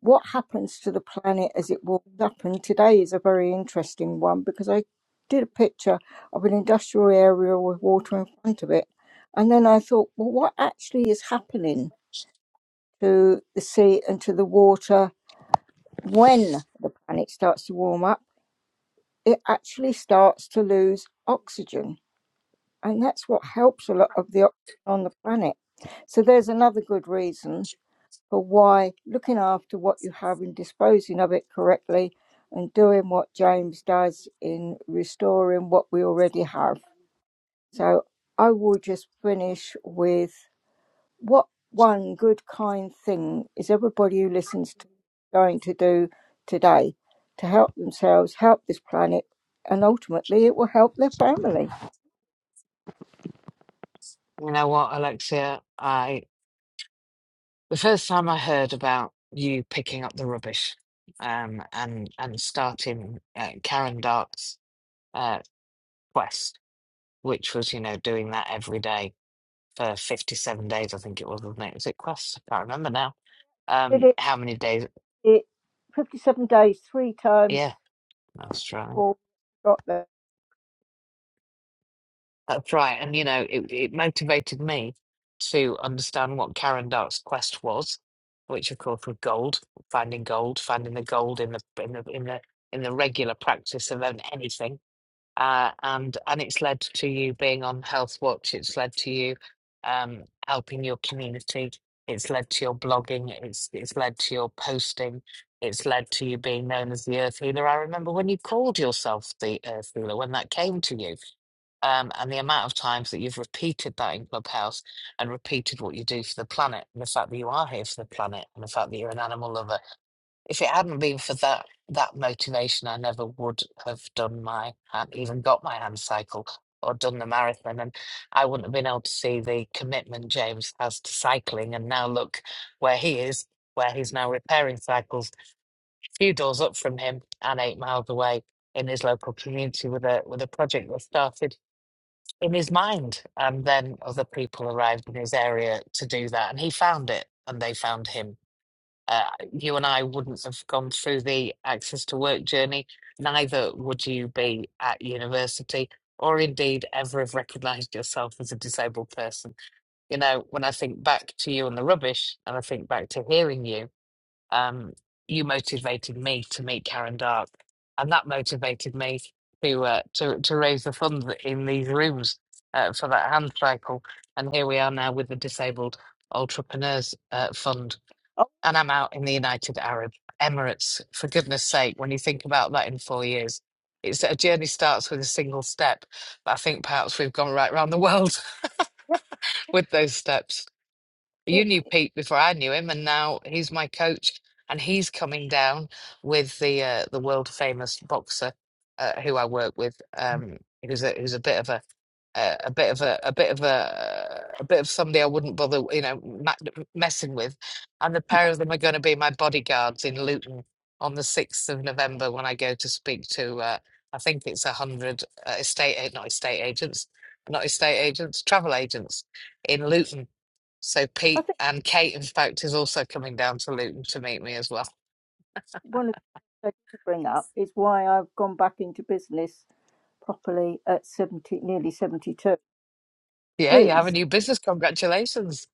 what happens to the planet as it warms up. And today is a very interesting one because I did a picture of an industrial area with water in front of it. And then I thought, well, what actually is happening to the sea and to the water when the planet starts to warm up? It actually starts to lose oxygen. And that's what helps a lot of the oxygen on the planet. So there's another good reason for why looking after what you have and disposing of it correctly and doing what James does in restoring what we already have. So I will just finish with what one good kind thing is everybody who listens to going to do today to help themselves, help this planet, and ultimately it will help their family.
You know what, Alexia? I the first time I heard about you picking up the rubbish um, and and starting uh, Karen Dark's uh, quest, which was you know doing that every day for 57 days, I think it was, wasn't it? Was it quest? I can't remember now.
Did
Um,
it,
how many days?
it 57 days, three times
Yeah, that's right.
before we got there.
That's right. And, you know, it, it motivated me to understand what Karen Dark's quest was, which of course was gold, finding gold, finding the gold in the in the in the in the regular practice of an- anything uh, and and it's led to you being on Health Watch. It's led to you um, helping your community. It's led to your blogging. It's it's led to your posting. It's led to you being known as the Earth Healer. I remember when you called yourself the Earth Healer when that came to you, um, and the amount of times that you've repeated that in Clubhouse and repeated what you do for the planet, and the fact that you are here for the planet, and the fact that you're an animal lover if it hadn't been for that that motivation, I never would have done my hand, even got my hand cycle or done the marathon, and I wouldn't have been able to see the commitment James has to cycling. And now look where he is, where he's now repairing cycles, a few doors up from him and eight miles away in his local community with a with a project that started in his mind, and then other people arrived in his area to do that, and he found it, and they found him uh, you and I wouldn't have gone through the access to work journey, neither would you be at university, or indeed ever have recognised yourself as a disabled person. You know, when I think back to you and the rubbish, and I think back to hearing you, um, you motivated me to meet Karen Dark, and that motivated me to uh, to to raise the funds in these rooms uh, for that hand cycle. And here we are now with the Disabled Entrepreneurs uh, Fund
Oh,
and I'm out in the United Arab Emirates. For goodness sake, when you think about that in four years, it's a journey starts with a single step. But I think perhaps we've gone right round the world
yeah. It,
with those steps. You
it-
knew Pete before I knew him, and now he's my coach, and he's coming down with the uh, the world famous boxer uh, who I work with, um, who's a who's a bit of a uh, a bit of a a bit of a a bit of somebody I wouldn't bother, you know, ma messing with. And the pair of them are going to be my bodyguards in Luton on the 6th of November when I go to speak to uh, I think it's a hundred uh, estate a- not estate agents, not estate agents, travel agents in Luton. So
I think
Pete and Kate, in fact, is also coming down to Luton to meet me as well.
one of the things I didn't bring up is why I've gone back into business properly at 70, nearly 72,
Yeah, you have a
is,
new business. Congratulations.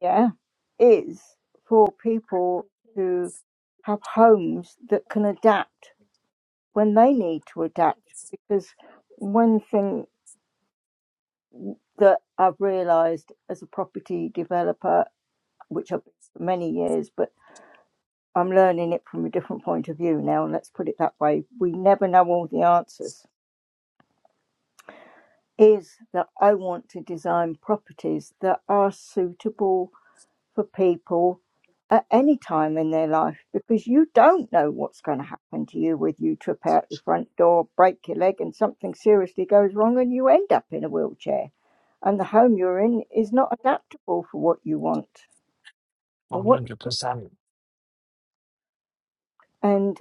yeah, is for people who have homes that can adapt when they need to adapt. Because one thing that I've realised as a property developer, which I've been for many years, but I'm learning it from a different point of view now, let's put it that way. We never know all the answers is that I want to design properties that are suitable for people at any time in their life because you don't know what's going to happen to you whether you trip out the front door, break your leg, and something seriously goes wrong and you end up in a wheelchair. And the home you're in is not adaptable for what you want or
One
what you
hundred
need.
percent.
And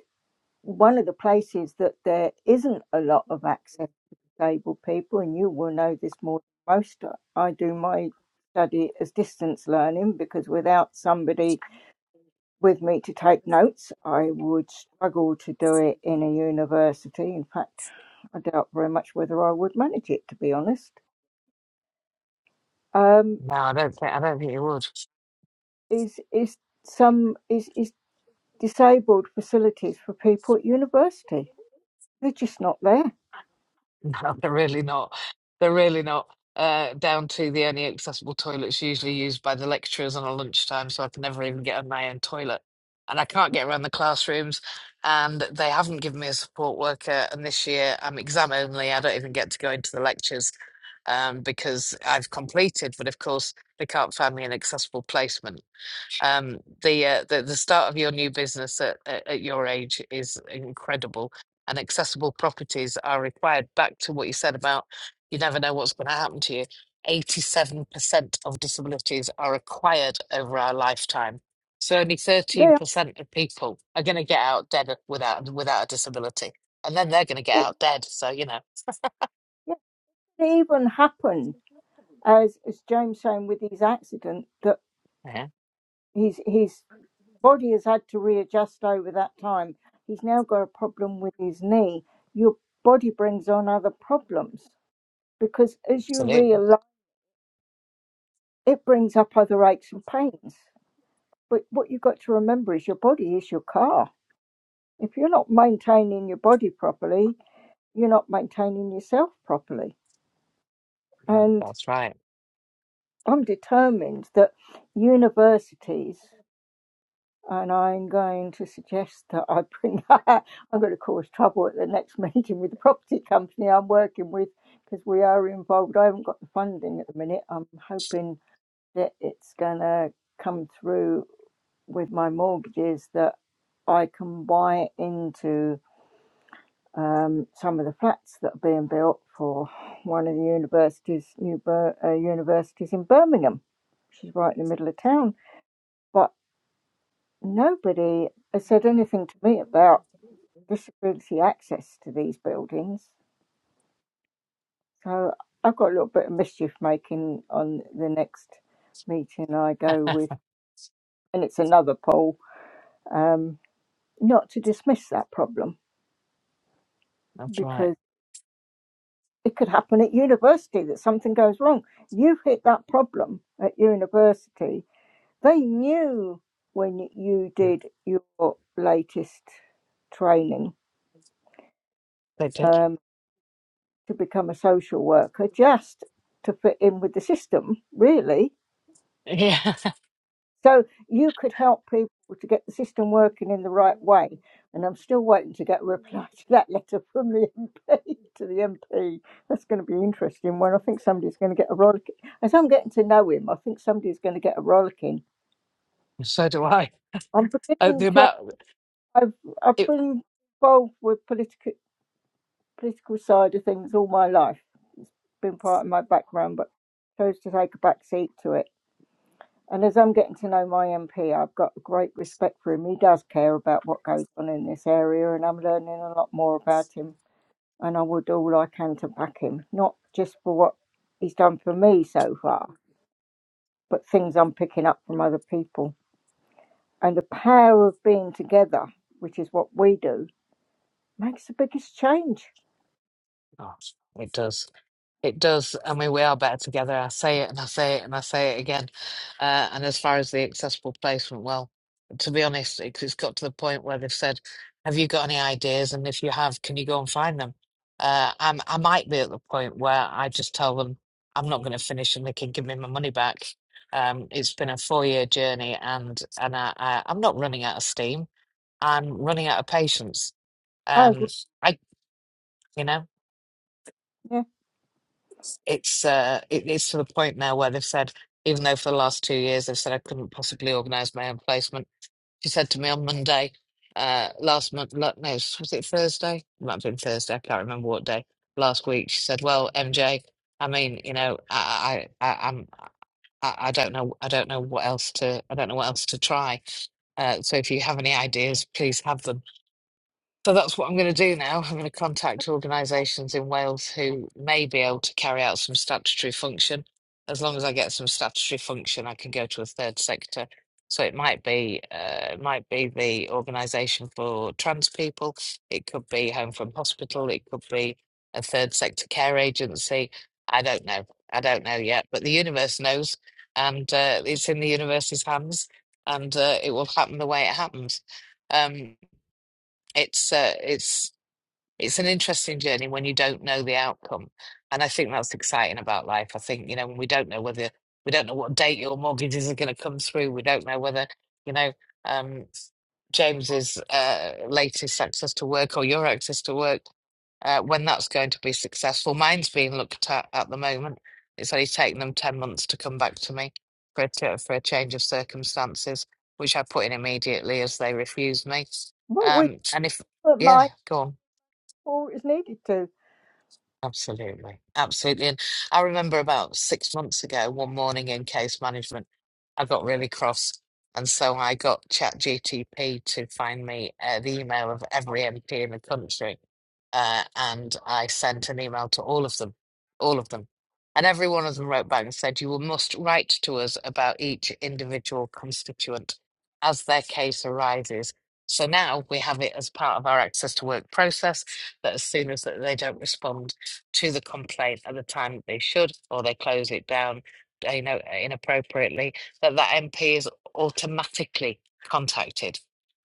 one of the places that there isn't a lot of access to disabled people, and you will know this more than most. I do my study as distance learning because without somebody with me to take notes, I would struggle to do it in a university. In fact, I doubt very much whether I would manage it, to be honest. Um,
No, I don't think I don't think you would.
is is some is is disabled facilities for people at university? They're just not there.
No, they're really not. They're really not. Uh, down to the only accessible toilets usually used by the lecturers on a lunchtime, so I can never even get on my own toilet. And I can't get around the classrooms, and they haven't given me a support worker. And this year I'm exam only. I don't even get to go into the lectures um, because I've completed, but of course they can't find me an accessible placement um the uh, the, the start of your new business at, at, at your age is incredible and accessible properties are required back to what you said about you never know what's going to happen to you 87% of disabilities are acquired over our lifetime so only
They are.
13% of people are going to get out dead without without a disability and then they're going to get
It,
out dead so you know
it even happen as, as James saying with his accident that
yeah
his his body has had to readjust over that time. He's now got a problem with his knee. Your body brings on other problems because as you
absolutely
realise, it brings up other aches and pains. But what you've got to remember is your body is your car. If you're not maintaining your body properly, you're not maintaining yourself properly.
Yeah,
And
that's right
I'm determined that universities and I'm going to suggest that I bring that I'm going to cause trouble at the next meeting with the property company I'm working with because we are involved. I haven't got the funding at the minute. I'm hoping that it's going to come through with my mortgages that I can buy into um, some of the flats that are being built for one of the universities, new Bir- uh, universities in Birmingham, which is right in the middle of town. But nobody has said anything to me about disability access to these buildings. So I've got a little bit of mischief making on the next meeting I go with, and it's another poll, um, not to dismiss that problem
that's right
because it could happen at university that something goes wrong. You've hit that problem at university. They knew when you did your latest training
they did
um, to become a social worker just to fit in with the system, really
yeah
So you could help people to get the system working in the right way. And I'm still waiting to get a reply to that letter from the MP to the MP. That's going to be an interesting one. I think somebody's going to get a rollicking. As I'm getting to know him, I think somebody's going to get a rollicking.
so do i
I'm
uh,
beginning
the
to.
amount.
I've I've
It,
been involved with political political side of things all my life. Been part of my background, but chose to take a back seat to it And as I'm getting to know my MP, I've got a great respect for him. He does care about what goes on in this area, and I'm learning a lot more about him. And I will do all I can to back him, not just for what he's done for me so far, but things I'm picking up from other people. And the power of being together, which is what we do, makes the biggest change.
oh, it does. It does. And we, we are better together. I say it and I say it and I say it again. Uh, and as far as the accessible placement, well, to be honest, it, it's got to the point where they've said, Have you got any ideas? And if you have, can you go and find them? Uh, I'm, I might be at the point where I just tell them I'm not going to finish and they can give me my money back. Um, it's been a four year journey and, and I, I, I'm not running out of steam. I'm running out of patience.
I agree.
Um, I, you know.
Yeah.
it's uh it, it's to the point now where they've said even though for the last two years they've said I couldn't possibly organise my own placement. She said to me on Monday, uh last month no was it Thursday? It might have been Thursday, I can't remember what day. Last week she said, Well, MJ, I mean, you know, I I, I I'm I, I don't know I don't know what else to I don't know what else to try. Uh, so if you have any ideas, please have them so that's what I'm going to do now. I'm going to contact organisations in Wales who may be able to carry out some statutory function. As long as I get some statutory function, I can go to a third sector. So it might be, uh, it might be the organisation for trans people. It could be Home from Hospital. It could be a third sector care agency. I don't know. I don't know yet, but the universe knows, and uh, it's in the universe's hands, and uh, it will happen the way it happens. Um it's uh, it's it's an interesting journey when you don't know the outcome and i think that's exciting about life i think you know when we don't know whether we don't know what date your mortgages are going to come through we don't know whether you know um james's uh latest access to work or your access to work uh, when that's going to be successful. Mine's being looked at at the moment. It's only taken them 10 months to come back to me for a, t- for a change of circumstances, which I put in immediately as they refused me.
What we
Um, and if,
do at
yeah,
mine
go on.
before it was needed to.
Absolutely. Absolutely. And I remember about six months ago, one morning in case management, I got really cross. And so I got ChatGTP to find me uh, the email of every MP in the country. Uh, and I sent an email to all of them, all of them. And every one of them wrote back and said, You will must write to us about each individual constituent as their case arises. So now we have it as part of our access to work process that as soon as that they don't respond, to the complaint at the time that they should, or they close it down, uh, you know, inappropriately, that that MP is automatically contacted.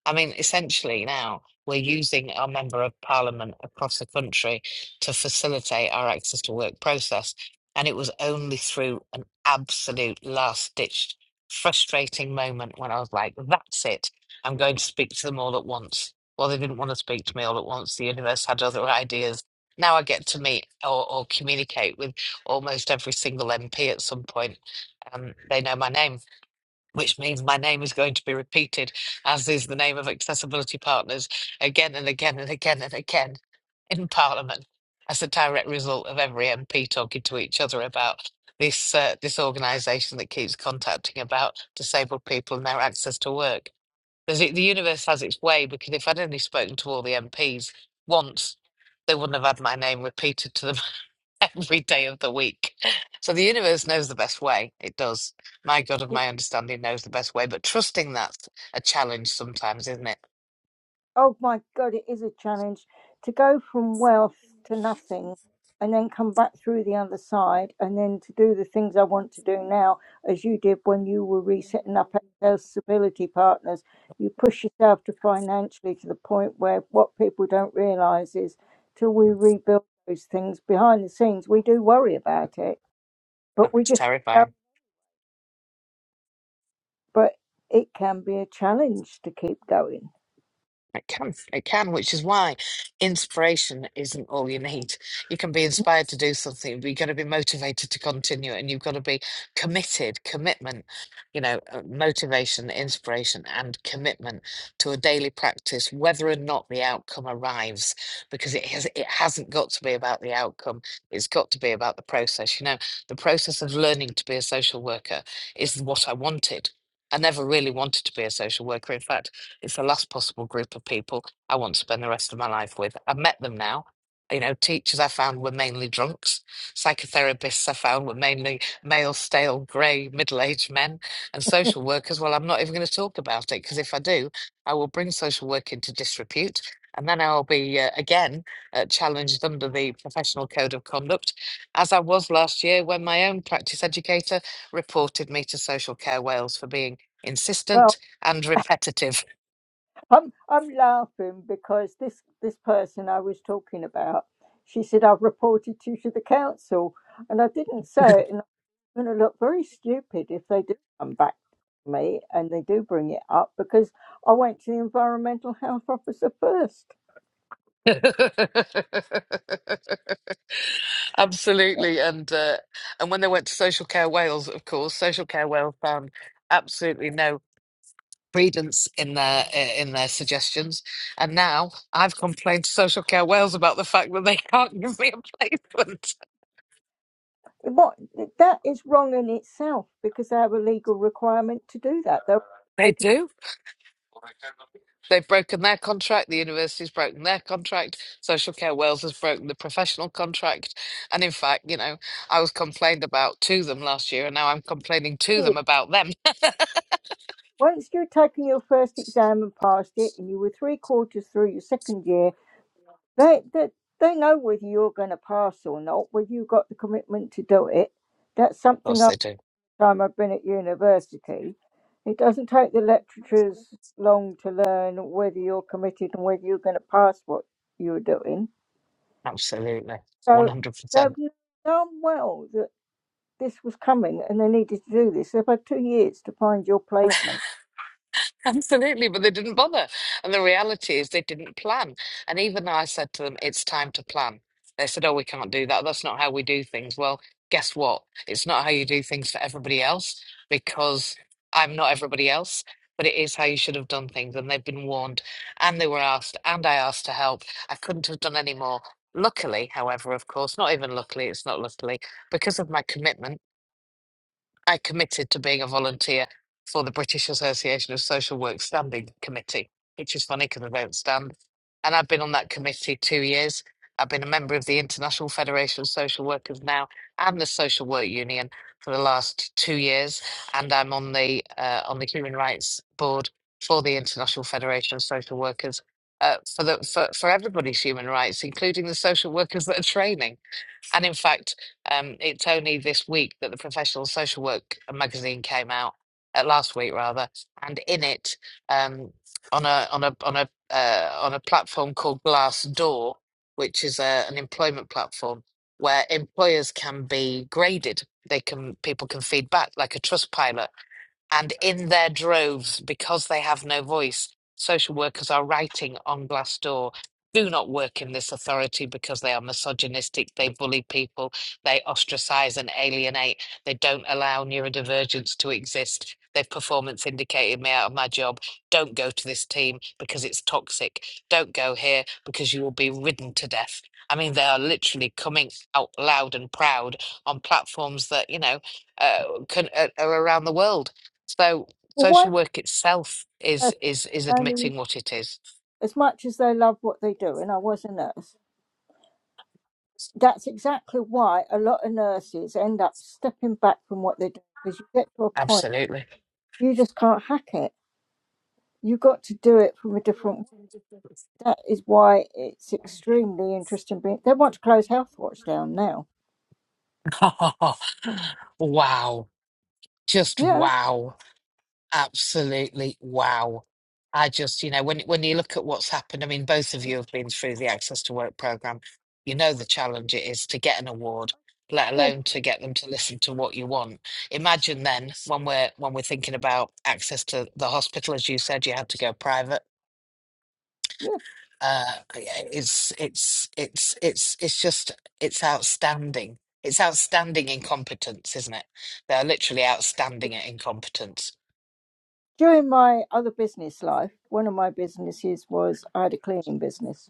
I mean, essentially now we're using our member of parliament across the country to facilitate our access to work process. And it was only through an absolute last ditch, frustrating moment when I was like, that's it. I'm going to speak to them all at once. Well, they didn't want to speak to me all at once. The universe had other ideas now I get to meet or, or communicate with almost every single MP at some point. Um, they know my name, which means my name is going to be repeated, as is the name of Accessibility Partners, again and again and again and again in Parliament, as a direct result of every MP talking to each other about this uh, this organisation that keeps contacting about disabled people and their access to work. There's, the universe has its way because if I'd only spoken to all the MPs once, they wouldn't have had my name repeated to them every day of the week. So the universe knows the best way. It does. My God of my understanding knows the best way. But trusting that's a challenge sometimes, isn't it?
Oh my God, it is a challenge to go from wealth to nothing and then come back through the other side and then to do the things I want to do now, as you did when you were resetting up Excel Stability Partners. You push yourself to financially to the point where what people don't realize is till we rebuild those things behind the scenes, we do worry about it, but we
It's
just keep going.
terrifying.
But it can be a challenge to keep going.
It can, it can, which is why inspiration isn't all you need. You can be inspired to do something, but you've got to be motivated to continue it, and you've got to be committed, commitment, you know, uh, motivation, inspiration, and commitment to a daily practice, whether or not the outcome arrives, because it has it hasn't got to be about the outcome. It's got to be about the process. You know, the process of learning to be a social worker is what I wanted. I never really wanted to be a social worker. In fact, it's the last possible group of people I want to spend the rest of my life with. I've met them now. You know, teachers I found were mainly drunks. Psychotherapists I found were mainly male, stale, grey, middle aged men. And social workers, well, I'm not even going to talk about it because if I do, I will bring social work into disrepute. And then I'll be uh, again uh, challenged under the professional code of conduct, as I was last year when my own practice educator reported me to Social Care Wales for being
Well,
insistent and repetitive.
I'm I'm laughing because this this person I was talking about, she said I've reported you to the council, and I didn't say it, and I'm going to look very stupid if they do come back to me and they do bring it up because I went to the environmental health officer first.
Absolutely, and uh, and when they went to Social Care Wales, of course, Social Care Wales found absolutely no credence in their uh, in their suggestions, and now I've complained to Social Care Wales about the fact that they can't give me a placement.
What that is wrong in itself because they have a legal requirement to do that. They're
They
breaking
do. They've broken their contract. The university's broken their contract. Social Care Wales has broken the professional contract, and in fact, you know, I was complained about to them last year, and now I'm complaining
the
to
it.
them about them. Of
Once you've taken your first exam and passed it, and you were three quarters through your second year They, they, they know whether you're going to pass or not, whether you've got the commitment to do it. That's something
course,
I've
they do.
time I've been at university. It doesn't take the lecturers long to learn whether you're committed and whether you're going to pass what you're doing.
Absolutely.
So they've
100%.
known well that this was coming and they needed to do this. They've had two years to find your placement.
Absolutely, but they didn't bother. And the reality is they didn't plan. And even though I said to them, it's time to plan, they said, oh, we can't do that. That's not how we do things. Well, guess what? It's not how you do things for everybody else because I'm not everybody else, but it is how you should have done things. And they've been warned and they were asked, and I asked to help. I couldn't have done any more. Luckily, however, of course, not even luckily, it's not luckily, because of my commitment. I committed to being a volunteer for the British Association of Social Work Standing Committee, which is funny because I don't stand. And I've been on that committee two years. I've been a member of the International Federation of Social Workers now and the Social Work Union for the last two years, and I'm on the uh, on the Human Rights Board for the International Federation of Social Workers uh, for the for, for everybody's human rights, including the social workers that are training. And in fact, um, it's only this week that the Professional Social Work uh, magazine came out, uh, last week rather, and in it, um, on a on a on a uh, on a platform called Glassdoor, which is a, an employment platform where employers can be graded. They can people can feed back like a trust pilot. And in their droves, because they have no voice, social workers are writing on Glassdoor do not work in this authority because they are misogynistic, they bully people, they ostracize and alienate, they don't allow neurodivergence to exist, they've performance indicated me out of my job. Don't go to this team because it's toxic. Don't go here because you will be ridden to death. I mean, they are literally coming out loud and proud on platforms that, you know, uh, can, uh, are around the world so
Well, why
social
would
work itself
a nurse
is is is
only
admitting what it is.
as much as they love what they do, and I was a nurse, that's exactly why a lot of nurses end up stepping back from what they do because you get to a point
Absolutely.
you just can't hack it. You've got to do it from a different way. That is why it's extremely interesting. Being, they want to close Health Watch down now.
wow. Just
Yeah.
wow. Absolutely wow. I just, you know, when when you look at what's happened, I mean, both of you have been through the Access to Work program. You know the challenge it is to get an award, let
Oh,
alone to get them to listen to what you want. Imagine then when we're when we're thinking about access to the hospital, as you said, you had to go private
yeah.
uh okay, yeah, it's it's it's it's it's just it's outstanding it's outstanding incompetence isn't it they're literally outstanding at incompetence
During my other business life, one of my businesses was I had a cleaning business.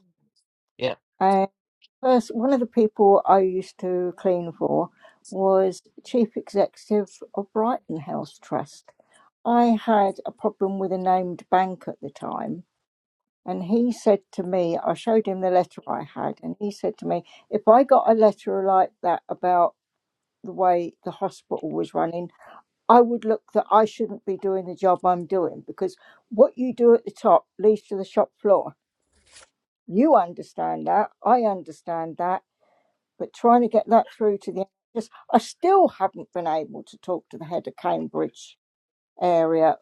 yeah
First, one of the people I used to clean for was chief executive of Brighton Health Trust. I had a problem with a named bank at the time, and he said to me, I showed him the letter I had, and he said to me, if I got a letter like that about the way the hospital was running, I would look that I shouldn't be doing the job I'm doing because what you do at the top leads to the shop floor. You understand that. I understand that but trying to get that through to the NHS, I still haven't been able to talk to the head of Cambridge area,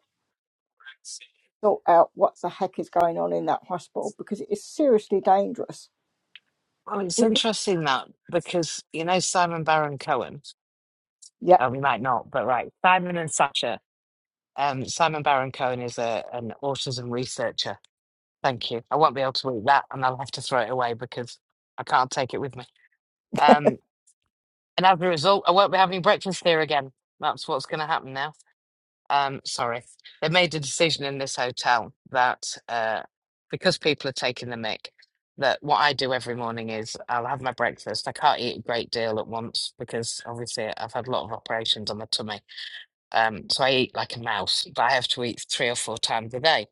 sort out what the heck is going on in that hospital because it is seriously dangerous.
well it's
It, it-
interesting that because you know simon baron cohen
yeah.
uh, we might not but right simon and Sacha. um simon baron cohen is a an autism researcher thank you i won't be able to read that and i'll have to throw it away because i can't take it with me um and as a result i won't be having breakfast here again that's what's going to happen now um, sorry, they made a decision in this hotel that uh, because people are taking the mick, that what I do every morning is I'll have my breakfast. I can't eat a great deal at once because obviously I've had a lot of operations on my tummy. Um, so I eat like a mouse, but I have to eat three or four times a day.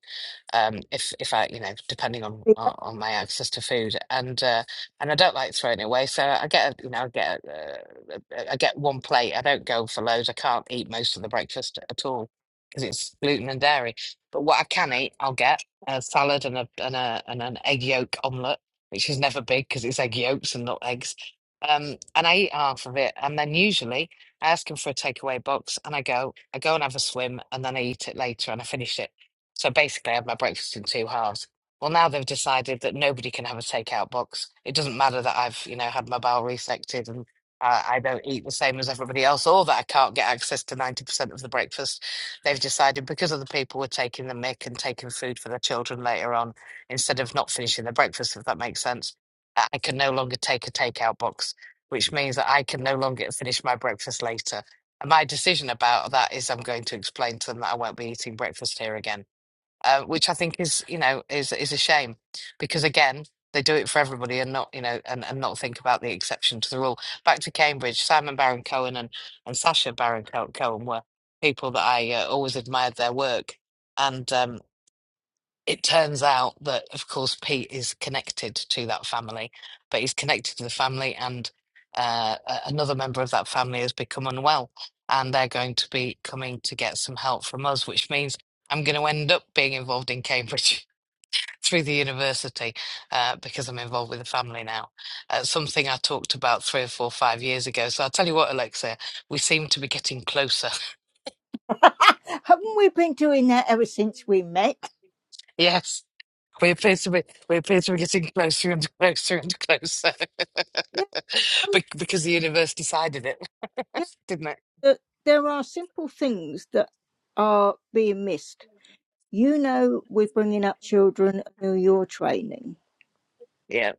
Um, if if I, you know, depending on on on my access to food, and uh, and I don't like throwing it away, so I get, a- you know, I get uh, uh, I get one plate. I don't go for loads. I can't eat most of the breakfast at all because it's gluten and dairy. But what I can eat, I'll get a salad and a and a and an egg yolk omelette, which is never big because it's egg yolks and not eggs. Um, and I eat half of it, and then usually. I ask him for a takeaway box and I go, I go and have a swim and then I eat it later and I finish it. So basically, I have my breakfast in two halves. Well, now they've decided that nobody can have a takeout box. It doesn't matter that I've, you know, had my bowel resected and uh, I don't eat the same as everybody else or that I can't get access to 90% of the breakfast. They've decided because other people were taking the mick and taking food for their children later on instead of not finishing their breakfast, if that makes sense, I I can no longer take a takeout box which means that I can no longer finish my breakfast later. And my decision about that is I'm going to explain to them that I won't be eating breakfast here again, uh, which I think is, you know, is is a shame because again, they do it for everybody and not, you know, and, and not think about the exception to the rule. Back to Cambridge, Simon Baron Cohen and, and Sasha Baron Co- Cohen were people that I uh, always admired their work. And um, it turns out that, of course, Pete is connected to that family, but he's connected to the family, and uh, a- another member of that family has become unwell, and they're going to be coming to get some help from us, which means I'm going to end up being involved in Cambridge through the university uh, because I'm involved with the family now. Uh, something I talked about three or four, five years ago. So I'll tell you what, Alexia, we seem to be getting closer
haven't we been doing that ever since we met?
Yes. We're supposed to be, we're supposed to be getting closer and closer and closer.
Yeah, um,
Bec- because the universe decided it,
yeah.
didn't it?
That there are simple things that are being missed. You know, we're bringing up children who you're training
Yeah.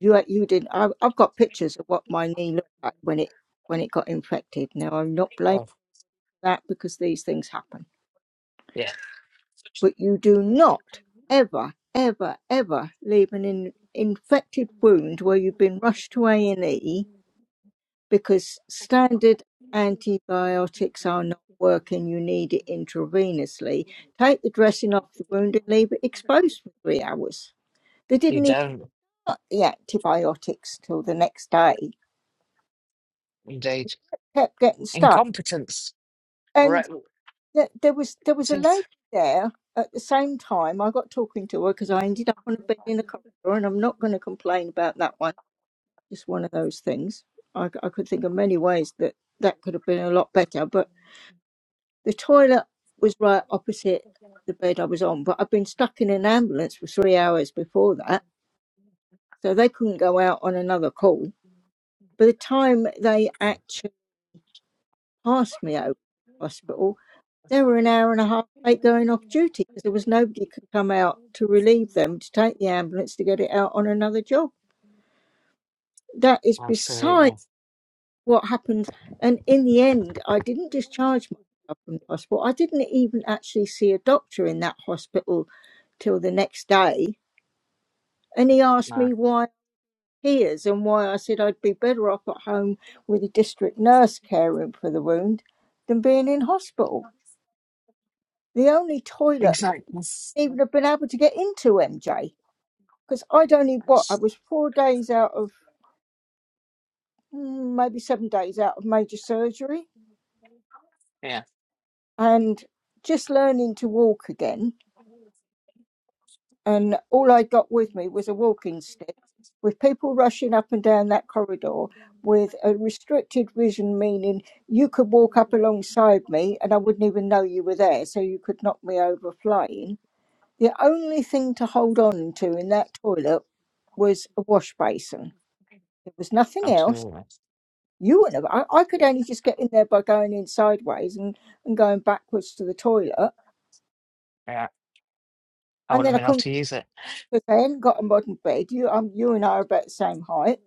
You uh, you didn't. I've, I've got pictures of what my knee looked like when it when it got infected. Now I'm not blaming
Oh,
that because these things happen.
yeah.
But you do not ever ever ever leave an in, infected wound where you've been rushed to A and E because standard antibiotics are not working. You need it intravenously. Take the dressing off the wound and leave it exposed for three hours. They
You
didn't even
don't,
put the antibiotics till the next day.
indeed.
Kept getting stuck
Incompetence. Right.
and th- there was there was a
tis-
lady there at the same time. I got talking to her because I ended up on a bed in the corridor, and I'm not going to complain about that one. Just one of those things. I, c- I could think of many ways that that could have been a lot better, but the toilet was right opposite the bed I was on. But I'd been stuck in an ambulance for three hours before that, so they couldn't go out on another call. By the time they passed me over to the hospital. They were an hour and a half late going off duty because there was nobody could come out to relieve them to take the ambulance to get it out on another job. That is beside
Absolutely.
what happened. And in the end, I didn't discharge myself from the hospital. I didn't even actually see a doctor in that hospital till the next day. And he asked
No.
me why tears and why I said I'd be better off at home with a district nurse caring for the wound than being in hospital. The only toilet
Exactness.
even have been able to get into MJ because I'd only what I was four days out of mm, maybe seven days out of major surgery
Yeah.
and just learning to walk again. And all I got with me was a walking stick with people rushing up and down that corridor with a restricted vision, meaning you could walk up alongside me and I wouldn't even know you were there, so you could knock me over flying. The only thing to hold on to in that toilet was a wash basin There was nothing else.
Absolutely.
You wouldn't have. I, I could only just get in there by going in sideways and, and going backwards to the toilet.
Yeah. I
And
wouldn't
then
have
I
been able
couldn't,
to use it.
because I hadn't got a modern bed. You, um, you and I are about the same height.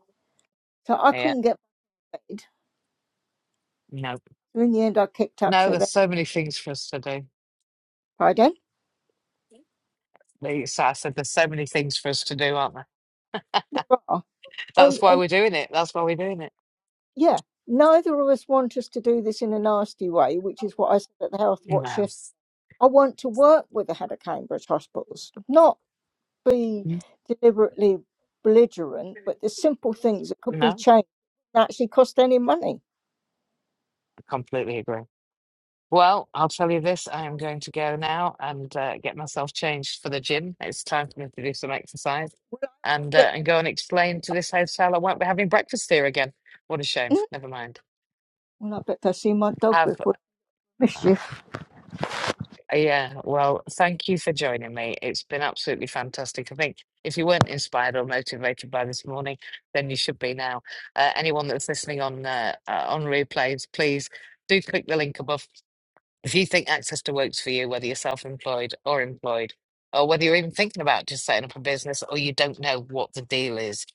So I
Yeah.
couldn't get,
No.
so in the end I kicked up.
No,
So
there's
there,
so many things for us to do.
pardon?
Like so I said, there's so many things for us to do, aren't there?
There are. Oh,
That's why
and
we're doing it. That's why we're doing it.
yeah, neither of us want us to do this in a nasty way, which is what I said at the Health Watch
No.
yesterday. I want to work with the head of Cambridge Hospitals, not be deliberately belligerent, but the simple things that could be
No,
changed that actually cost any money.
I completely agree. Well, I'll tell you this, I am going to go now and uh, get myself changed for the gym. It's time for me to do some exercise
Will I,
and
get,
uh, and go and explain to this hotel I won't be having breakfast here again. What a shame.
mm,
Never mind.
well, I bet they see my dog
Have
before.
yeah, well, thank you for joining me. It's been absolutely fantastic. I think if you weren't inspired or motivated by this morning, then you should be now. Uh, anyone that's listening on uh, uh, on replays, please do click the link above If you think access to works for you, whether you're self employed or employed, or whether you're even thinking about just setting up a business or you don't know what the deal is,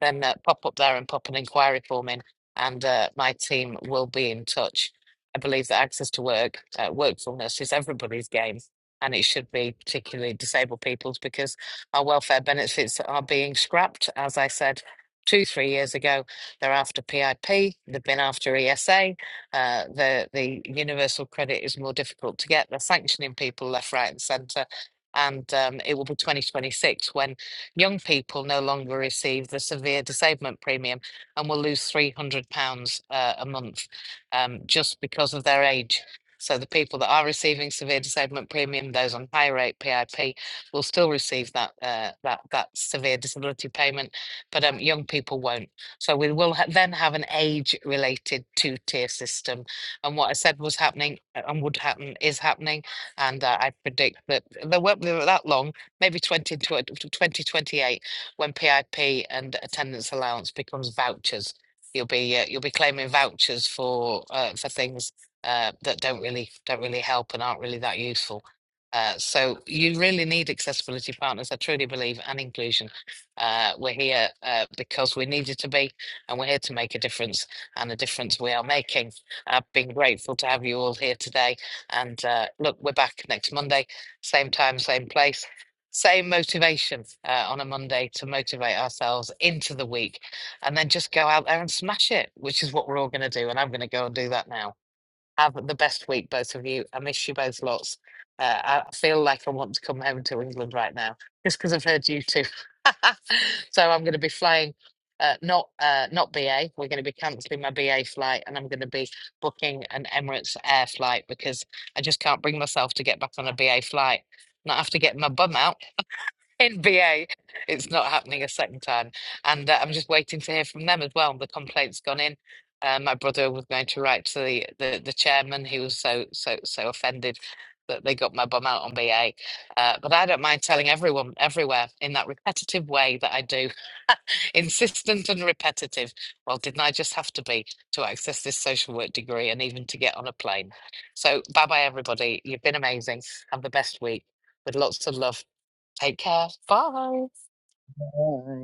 then uh, pop up there and pop an inquiry form in, and uh, my team will be in touch. I believe that access to work, uh, workfulness is everybody's game, and it should be particularly disabled people's because our welfare benefits are being scrapped. As I said two, three years ago, they're after PIP, they've been after ESA, uh, the the universal credit is more difficult to get. They're sanctioning people left, right, and centre. And um, it will be 2026 when young people no longer receive the severe disablement premium and will lose £300 uh, a month um, just because of their age. So the people that are receiving severe disablement premium, those on high rate PIP, will still receive that uh, that that severe disability payment, but um, young people won't. So we will ha- then have an age related two tier system. And what I said was happening uh, and would happen is happening. And uh, I predict that there won't be that long, maybe 20, 2028, when PIP and attendance allowance becomes vouchers. You'll be uh, you'll be claiming vouchers for uh, for things uh, that don't really don't really help and aren't really that useful. Uh, so you really need accessibility partners, I truly believe, and inclusion uh, we're here uh, because we needed to be, and we're here to make a difference, and the difference we are making. I've been grateful to have you all here today. And uh, look, we're back next Monday, same time, same place, same motivation uh, on a Monday to motivate ourselves into the week, and then just go out there and smash it, which is what we're all going to do. And I'm going to go and do that now. Have the best week, both of you. I miss you both lots. Uh, I feel like I want to come home to England right now, just because I've heard you two. so I'm going to be flying, uh, not uh, not BA. We're going to be cancelling my BA flight, and I'm going to be booking an Emirates Air flight because I just can't bring myself to get back on a BA flight. And I have to get my bum out in BA. It's not happening a second time. And uh, I'm just waiting to hear from them as well. The complaint's gone in. Uh, my brother was going to write to the, the, the chairman. He was so, so, so offended that they got my bum out on BA. Uh, but I don't mind telling everyone everywhere in that repetitive way that I do. Insistent and repetitive. Well, didn't I just have to be to access this social work degree and even to get on a plane? So, bye bye, everybody. You've been amazing. Have the best week with lots of love Take care. Bye.
Bye.